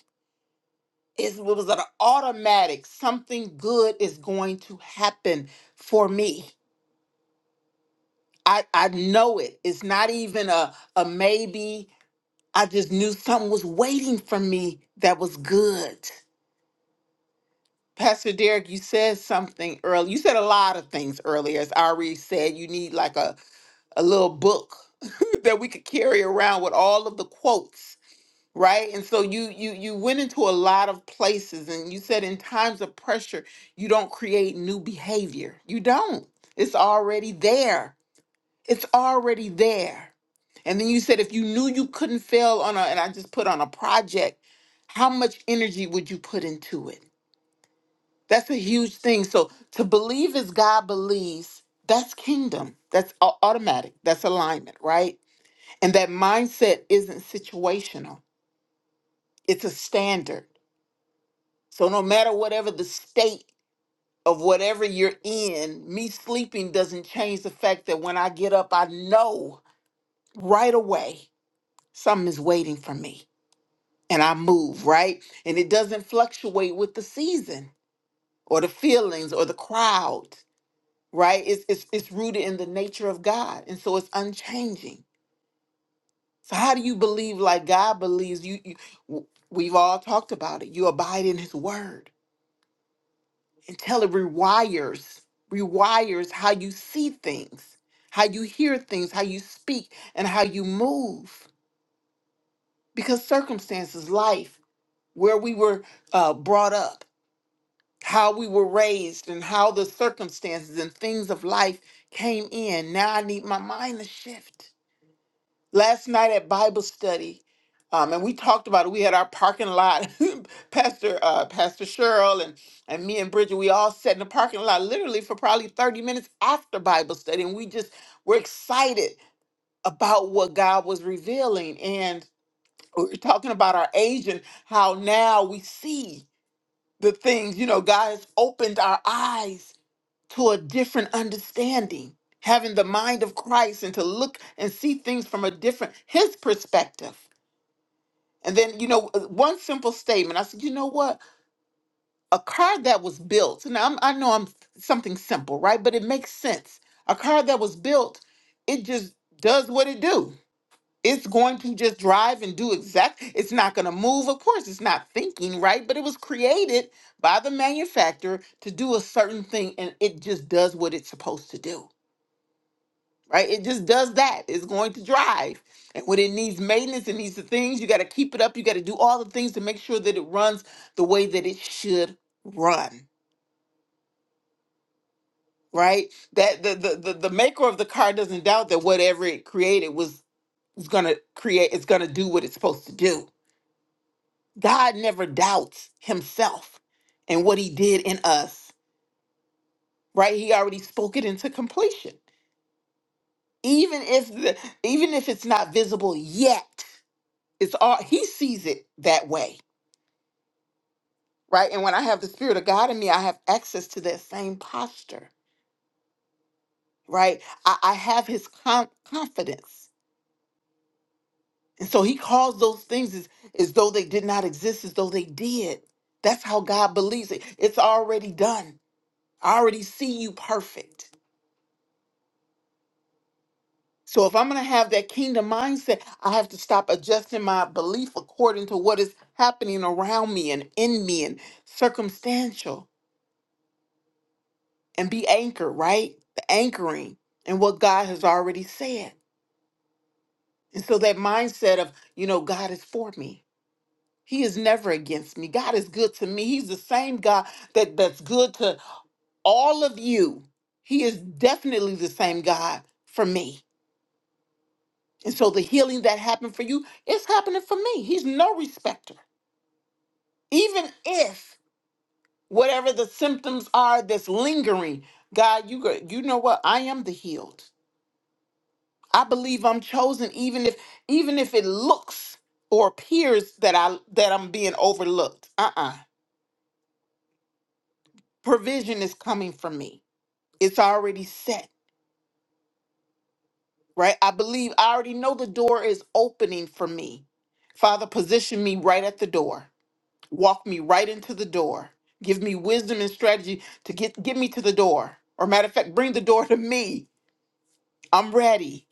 It's- It was an automatic, something good is going to happen for me. I, I know it. It's not even a, a maybe. I just knew something was waiting for me that was good. Pastor Derek, you said something earlier. You said a lot of things earlier. As Ari said, you need like a, a little book that we could carry around with all of the quotes, right? And so you you you went into a lot of places and you said in times of pressure, you don't create new behavior. You don't. It's already there. It's already there. And then you said if you knew you couldn't fail on a and I just put on a project, how much energy would you put into it? That's a huge thing. So to believe as God believes, that's kingdom. That's au- automatic. That's alignment, right? And that mindset isn't situational. It's a standard. So no matter whatever the state of whatever you're in, me sleeping doesn't change the fact that when I get up, I know right away something is waiting for me and I move, right? And it doesn't fluctuate with the season or the feelings or the crowd. right? It's, it's it's rooted in the nature of God, and so it's unchanging. So how do you believe like God believes? You, you w- we've all talked about it. You abide in His Word until it rewires rewires how you see things, how you hear things, how you speak, and how you move. Because circumstances, life, where we were uh, brought up, how we were raised, and how the circumstances and things of life came in. Now I need my mind to shift last night at Bible study, um, and we talked about it. We had our parking lot, Pastor uh, Pastor Cheryl and and me and Bridget. We all sat in the parking lot literally for probably thirty minutes after Bible study, and we just were excited about what God was revealing. And we were talking about our age and how now we see the things. You know, God has opened our eyes to a different understanding, having the mind of Christ and to look and see things from a different his perspective. And then, you know, uh, one simple statement. I said, you know what? A car that was built, and I'm, I know I'm something simple, right? But it makes sense. A car that was built, it just does what it do. It's going to just drive and do exact. It's not going to move. Of course, it's not thinking, right? But it was created by the manufacturer to do a certain thing, and it just does what it's supposed to do. right? It just does that. It's going to drive. And when it needs maintenance, it needs the things, you got to keep it up. You got to do all the things to make sure that it runs the way that it should run, right? That the the the, the maker of the car doesn't doubt that whatever it created was is going to create it's going to do what it's supposed to do. God never doubts himself and what he did in us, right? He already spoke it into completion. Even if the even if it's not visible yet, It's all he sees it that way, right? And when I have the spirit of God in me, I have access to that same posture, right? I, I have his com- confidence. And so he calls those things as, as though they did not exist, as though they did. That's how God believes it. It's already done. I already see you perfect. So if I'm going to have that kingdom mindset, I have to stop adjusting my belief according to what is happening around me and in me and circumstantial. and be anchored, right? The anchoring and what God has already said. And so that mindset of, you know, God is for me. He is never against me. God is good to me. He's the same God that, that's good to all of you. He is definitely the same God for me. And so the healing that happened for you is happening for me. He's no respecter. Even if whatever the symptoms are that's lingering, God, you go- you know what? I am the healed. I believe I'm chosen even if even if it looks or appears that I that I'm being overlooked. Uh-uh. Provision is coming for me. It's already set, right? I believe I already know the door is opening for me. Father, position me right at the door. Walk me right into the door. Give me wisdom and strategy to get get me to the door. Or matter of fact, bring the door to me. I'm ready,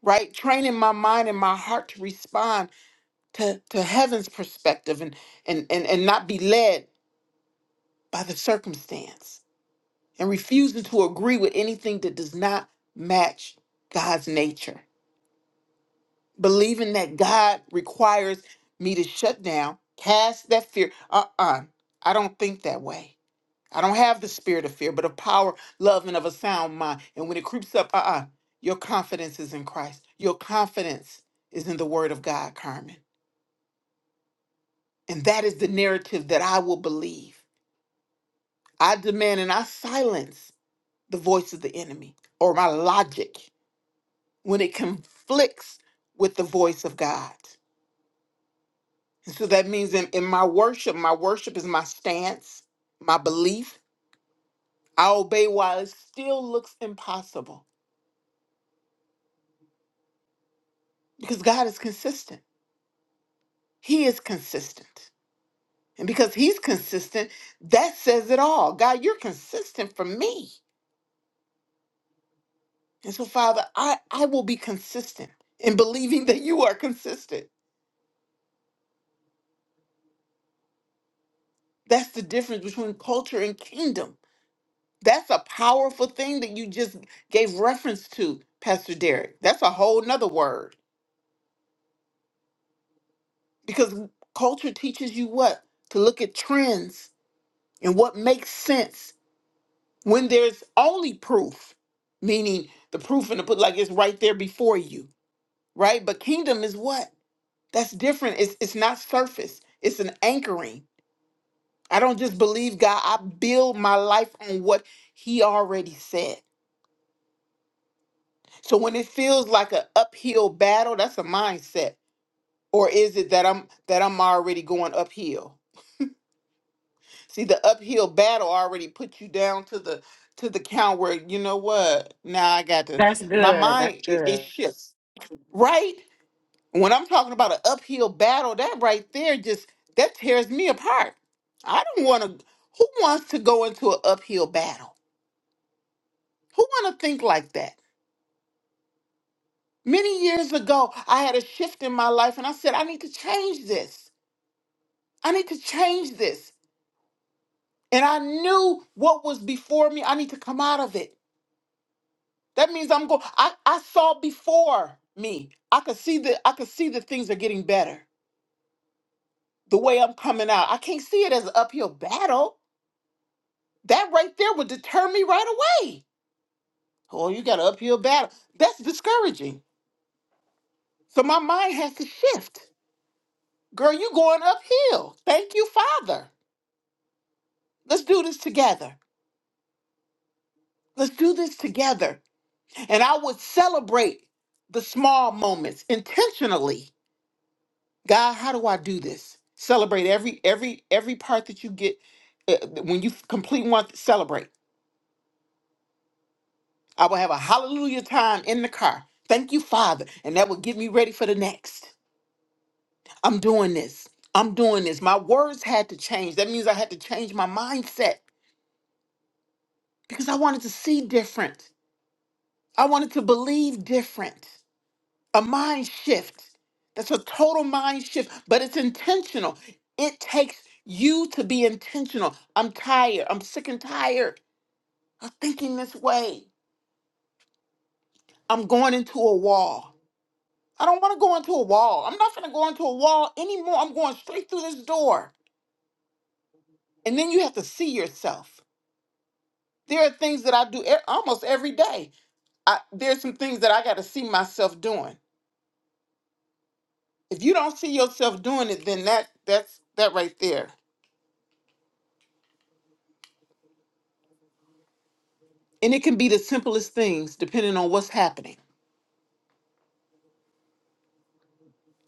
right? Training my mind and my heart to respond to, to heaven's perspective and, and, and, and not be led by the circumstance and refusing to agree with anything that does not match God's nature. Believing that God requires me to shut down, cast that fear. Uh uh I don't think that way. I don't have the spirit of fear, but of power, love, and of a sound mind. And when it creeps up, uh uh your confidence is in Christ. Your confidence is in the word of God, Carmen. And that is the narrative that I will believe. I demand and I silence the voice of the enemy or my logic when it conflicts with the voice of God. And so that means in, in my worship, my worship is my stance, my belief. I obey while it still looks impossible because God is consistent. He is consistent. And because He's consistent, that says it all. God, you're consistent for me. And so, Father, I, I will be consistent in believing that you are consistent That's the difference between culture and kingdom. That's a powerful thing that you just gave reference to, Pastor Derek. That's a whole nother word. Because culture teaches you what? To look at trends and what makes sense when there's only proof, meaning the proof in the put like it's right there before you, right? But kingdom is what? That's different. It's it's not surface. It's an anchoring. I don't just believe God. I build my life on what He already said. So when it feels like an uphill battle, that's a mindset. Or is it that I'm that I'm already going uphill? See, the uphill battle already put you down to the to the count where you know what? Now I got to
That's
my
good. That's
mind it, it
good.
shifts. Right? When I'm talking about an uphill battle, that right there just that tears me apart. I don't want to who wants to go into an uphill battle? Who want to think like that? Many years ago, I had a shift in my life and I said, I need to change this. I need to change this. And I knew what was before me. I need to come out of it. That means I'm going. I, I saw before me. I could see that I could see that things are getting better. The way I'm coming out. I can't see it as an uphill battle. That right there would deter me right away. Oh, you got an uphill battle. That's discouraging. So my mind has to shift. Girl, you going uphill. Thank you, Father. Let's do this together. Let's do this together And I would celebrate the small moments intentionally. God, how do I do this? Celebrate every every every part that you get uh, when you complete one. Celebrate. I will have a hallelujah time in the car. Thank you, Father, and that would get me ready for the next. I'm doing this. I'm doing this. My words had to change. That means I had to change my mindset because I wanted to see different. I wanted to believe different. a mind shift. That's a total mind shift, but it's intentional. It takes you to be intentional. I'm tired. I'm sick and tired of thinking this way. I'm going into a wall. I don't want to go into a wall. I'm not going to go into a wall anymore. I'm going straight through this door. And then you have to see yourself. There are things that I do e- almost every day. I, there's some things that I got to see myself doing. If you don't see yourself doing it, then that that's that right there And it can be the simplest things depending on what's happening.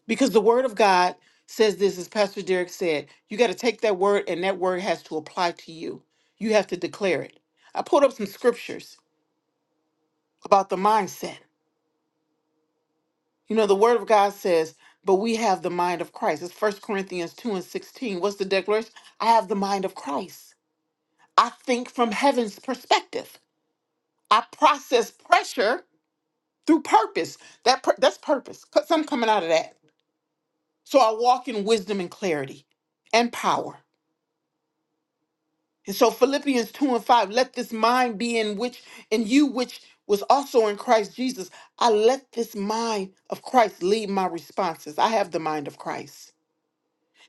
Because the word of God says this, as Pastor Derek said, you got to take that word and that word has to apply to you. You have to declare it. I pulled up some scriptures about the mindset. You know, the word of God says, but we have the mind of Christ. It's First Corinthians 2 and 16. What's the declaration? I have the mind of Christ. I think from heaven's perspective. I process pressure through purpose. That pur- that's purpose. Put something coming out of that. So I walk in wisdom and clarity and power. And so Philippians 2 and 5, let this mind be in which in you which was also in Christ Jesus. I let this mind of Christ lead my responses. I have the mind of Christ.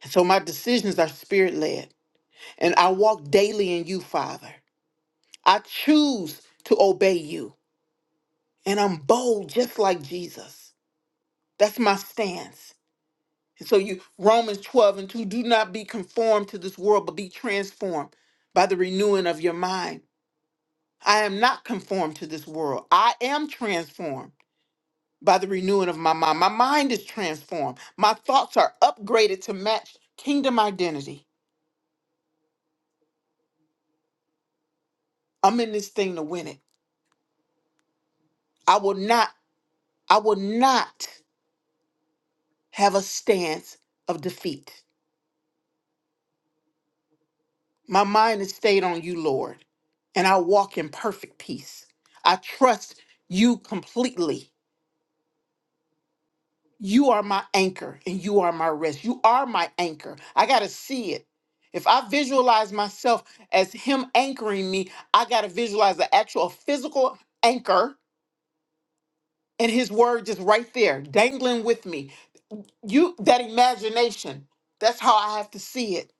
And so my decisions are spirit led. And I walk daily in you, Father. I choose to obey you. And I'm bold just like Jesus. That's my stance. So you Romans 12 and 2, do not be conformed to this world, but be transformed by the renewing of your mind. I am not conformed to this world. I am transformed by the renewing of my mind. My mind is transformed. My thoughts are upgraded to match kingdom identity. I'm in this thing to win it. I will not, I will not have a stance of defeat. My mind is stayed on you, Lord, and I walk in perfect peace. I trust you completely You are my anchor and you are my rest. You are my anchor. I got to see it. If I visualize myself as Him anchoring me, I got to visualize the actual physical anchor and His word just right there, dangling with me. You, that imagination, that's how I have to see it.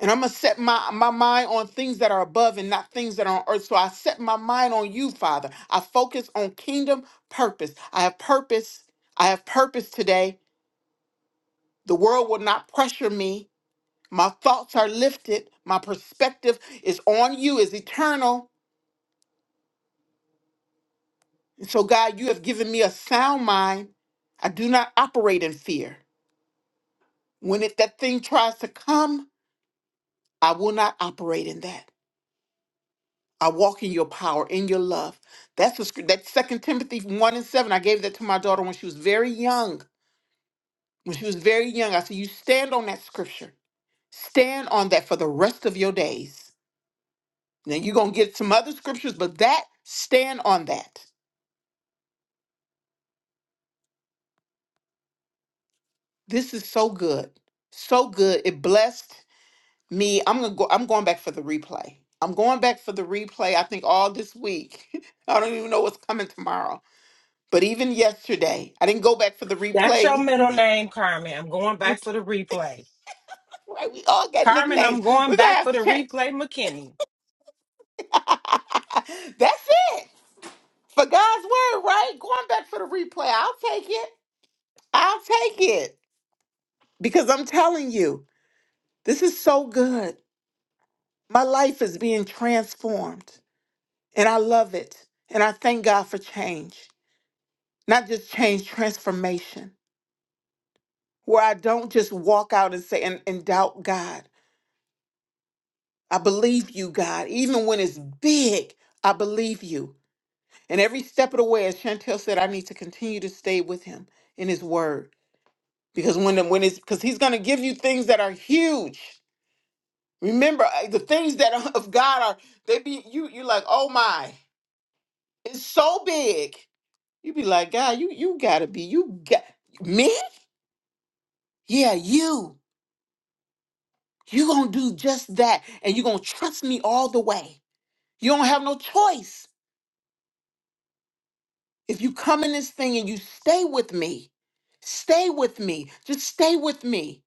And I'm going to set my, my mind on things that are above and not things that are on earth. So I set my mind on you, Father. I focus on kingdom purpose. I have purpose. I have purpose today The world will not pressure me. My thoughts are lifted. My perspective is on you, is eternal. And so, God, you have given me a sound mind. I do not operate in fear. When it, that thing tries to come, I will not operate in that. I walk in your power, in your love. That's the, script. that's Second Timothy one and seven. I gave that to my daughter when she was very young. When she was very young, I said, "You stand on that scripture. Stand on that for the rest of your days." Now you're gonna get some other scriptures, but that stand on that. This is so good. So good. It blessed me. I'm gonna go, I'm going back for the replay. I'm going back for the replay, I think all this week. I don't even know what's coming tomorrow. But even yesterday, I didn't go back for the
That's
replay.
your middle name, Carmen. I'm going
We
back for the replay.
right, we all got
Carmen, I'm
nicknames.
going
We're gonna
back
have
for the
to change.
replay, McKinney.
That's it. For God's word, right? Going back for the replay. I'll take it. I'll take it. Because I'm telling you, this is so good. My life is being transformed, and I love it. And I thank God for change, not just change, transformation, where I don't just walk out and say and, and doubt God. I believe you, God. Even when it's big, I believe you. And every step of the way, as Chantel said, I need to continue to stay with Him in His Word. Because when, the- when it's because he's gonna give you things that are huge. Remember, uh, the things that are of God are they be you you like, oh my, it's so big You be like, God, you you gotta be, you got me? Yeah, you. You gonna do just that, and you gonna trust me all the way. You don't have no choice. If you come in this thing and you stay with me, stay with me. Just stay with me.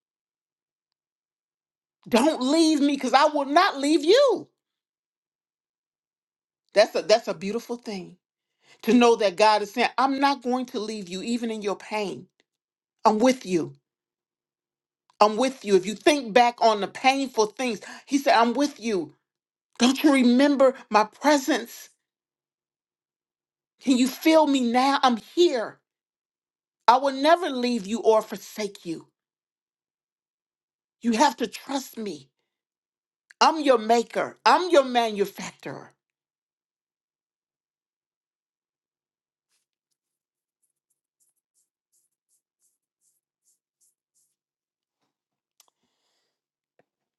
Don't leave me, cause I will not leave you. That's a that's a beautiful thing to know that God is saying, I'm not going to leave you, even in your pain. I'm with you. I'm with you. If you think back on the painful things, He said, I'm with you. Don't you remember my presence? Can you feel me now? I'm here. I will never leave you or forsake you. You have to trust me. I'm your maker, I'm your manufacturer.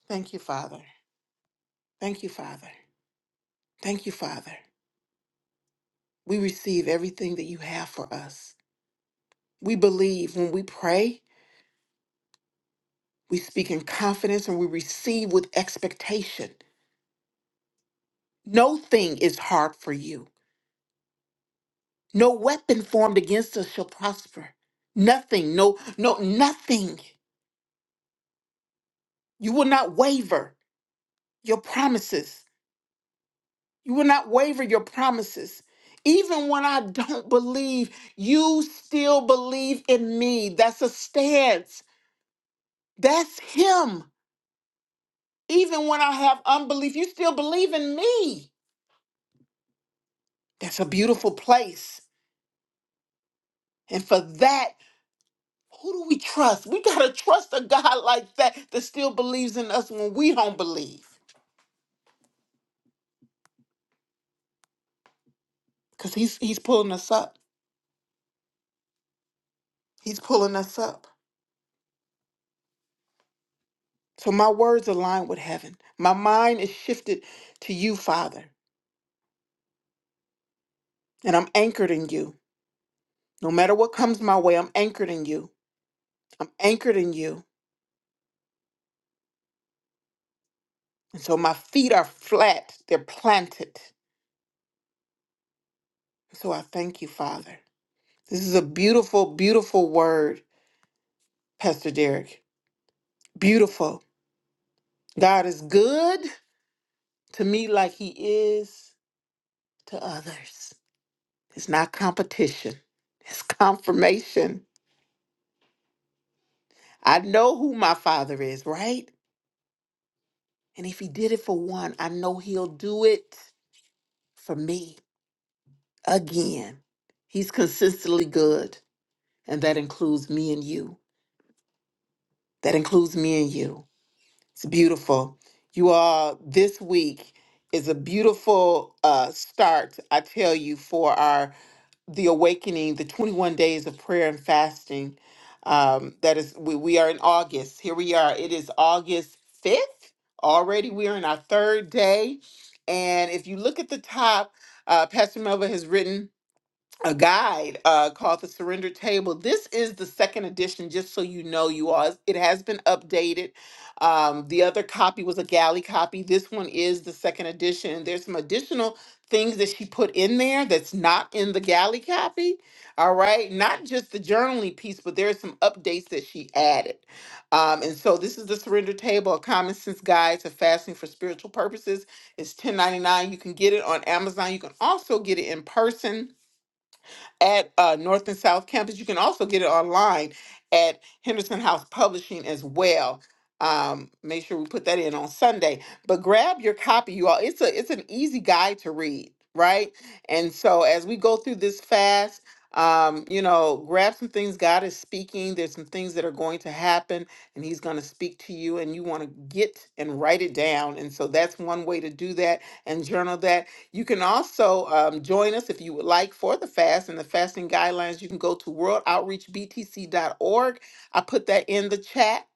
Thank you, Father. Thank you, Father. Thank you, Father. We receive everything that you have for us. We believe when we pray, we speak in confidence and we receive with expectation. No thing is hard for you. No weapon formed against us shall prosper. Nothing, no, no, nothing. You will not waver your promises. You will not waver your promises. Even when I don't believe, you still believe in me. That's a stance. That's Him. Even when I have unbelief, you still believe in me. That's a beautiful place. And for that, who do we trust? We got to trust a God like that that still believes in us when we don't believe. because he's he's pulling us up he's pulling us up so my words align with heaven my mind is shifted to you father and i'm anchored in you no matter what comes my way i'm anchored in you i'm anchored in you and so my feet are flat they're planted so i thank you father this is a beautiful beautiful word pastor derek beautiful god is good to me like he is to others it's not competition it's confirmation I know who my father is, right? And if he did it for one, I know he'll do it for me again. He's consistently good, and that includes me and you. That includes me and you. It's beautiful. You all, this week is a beautiful uh, start, I tell you, for our the awakening, the 21 days of prayer and fasting. Um, that is, we, we are in August. Here we are. It is August 5th already. We are in our third day. And if you look at the top, uh, Pastor Melva has written a guide uh, called the Surrender Table. This is the second edition, just so you know, you all. It has been updated. Um, the other copy was a galley copy. This one is the second edition. There's some additional things that she put in there that's not in the galley copy. All right, not just the journaling piece, but there are some updates that she added. Um, and so this is the Surrender Table, a common sense guide to fasting for spiritual purposes. It's 10.99. You can get it on Amazon. You can also get it in person at uh, North and South Campus. You can also get it online at Henderson House Publishing as well. Um, make sure we put that in on Sunday. But grab your copy, you all. It's a it's an easy guide to read, right? And so as we go through this fast, um, you know, grab some things God is speaking. There's some things that are going to happen, and He's going to speak to you, and you want to get and write it down. And so that's one way to do that and journal that you can also um, join us if you would like for the fast and the fasting guidelines. You can go to worldoutreachbtc.org. I put that in the chat.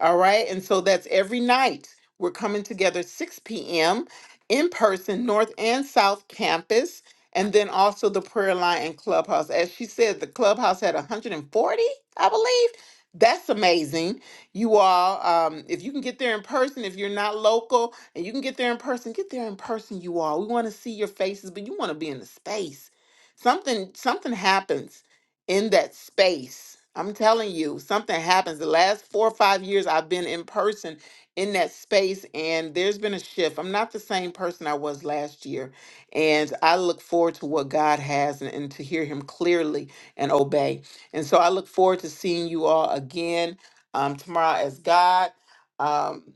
All right. And so that's every night. We're coming together 6 p.m. in person, North and South Campus, and then also the prayer line and clubhouse. As she said, the clubhouse had 140, I believe. That's amazing. You all, um, if you can get there in person, if you're not local, and you can get there in person. Get there in person, you all. We want to see your faces, but you want to be in the space. Something something happens in that space. I'm telling you, something happens. The last four or five years I've been in person in that space, and there's been a shift. I'm not the same person I was last year. And I look forward to what God has and, and to hear him clearly and obey. And so I look forward to seeing you all again um, tomorrow as God. Um,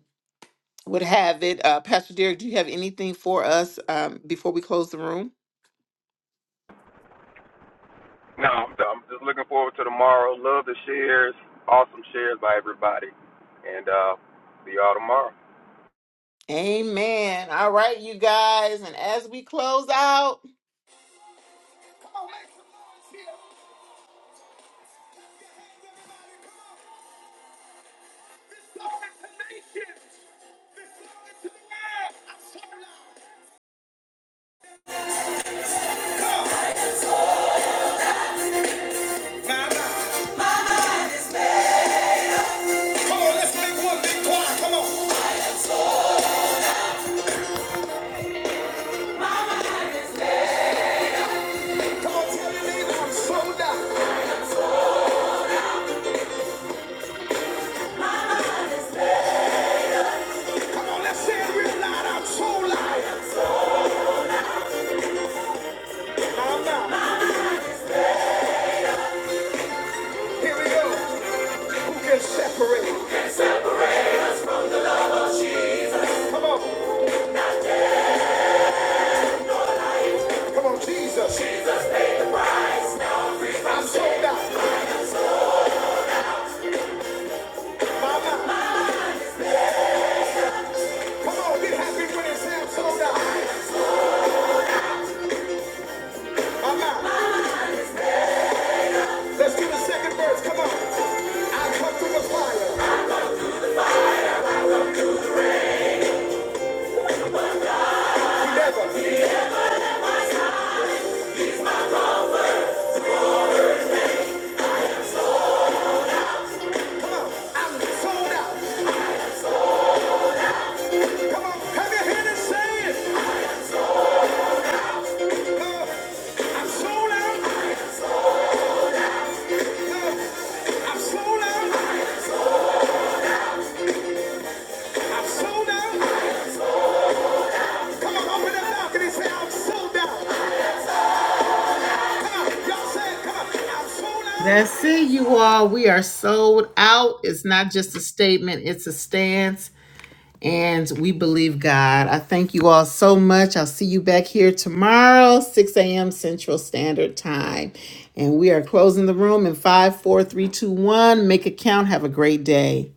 would have it. Uh, Pastor Derek, do you have anything for us um, before we close the room?
No, I'm, I'm just looking forward to tomorrow. Love the shares, awesome shares by everybody, and uh, see y'all tomorrow.
Amen. All right, you guys. And as we close out, Come on, make some noise here. Hands, everybody, come on. Glory to nations. Glory to the world. I'm so loud. My God. Come on, let's make one big choir. Come on. Come on, tell your neighbor I'm so loud. Come on, let's say it real loud. I'm so loud. I'm loud. Here we go. Who can separate? Come on. Come on, Jesus. I'm sold out. Mama. Come on, get happy when it's time. Sold out. Mama. Let's do the second verse. Come on. I come through the fire. never. Come on. I'm sold out. Come on. Have your hand and say it. Uh, I'm sold out. Uh, I'm sold out. I'm sold out. Come on, open that balcony and say, I'm sold out. That's it, you all. We are sold out. It's not just a statement, it's a stance. And we believe God. I thank you all so much. I'll see you back here tomorrow, 6 a.m. Central Standard Time. And we are closing the room in five, four, three, two, one. Make it count. Have a great day.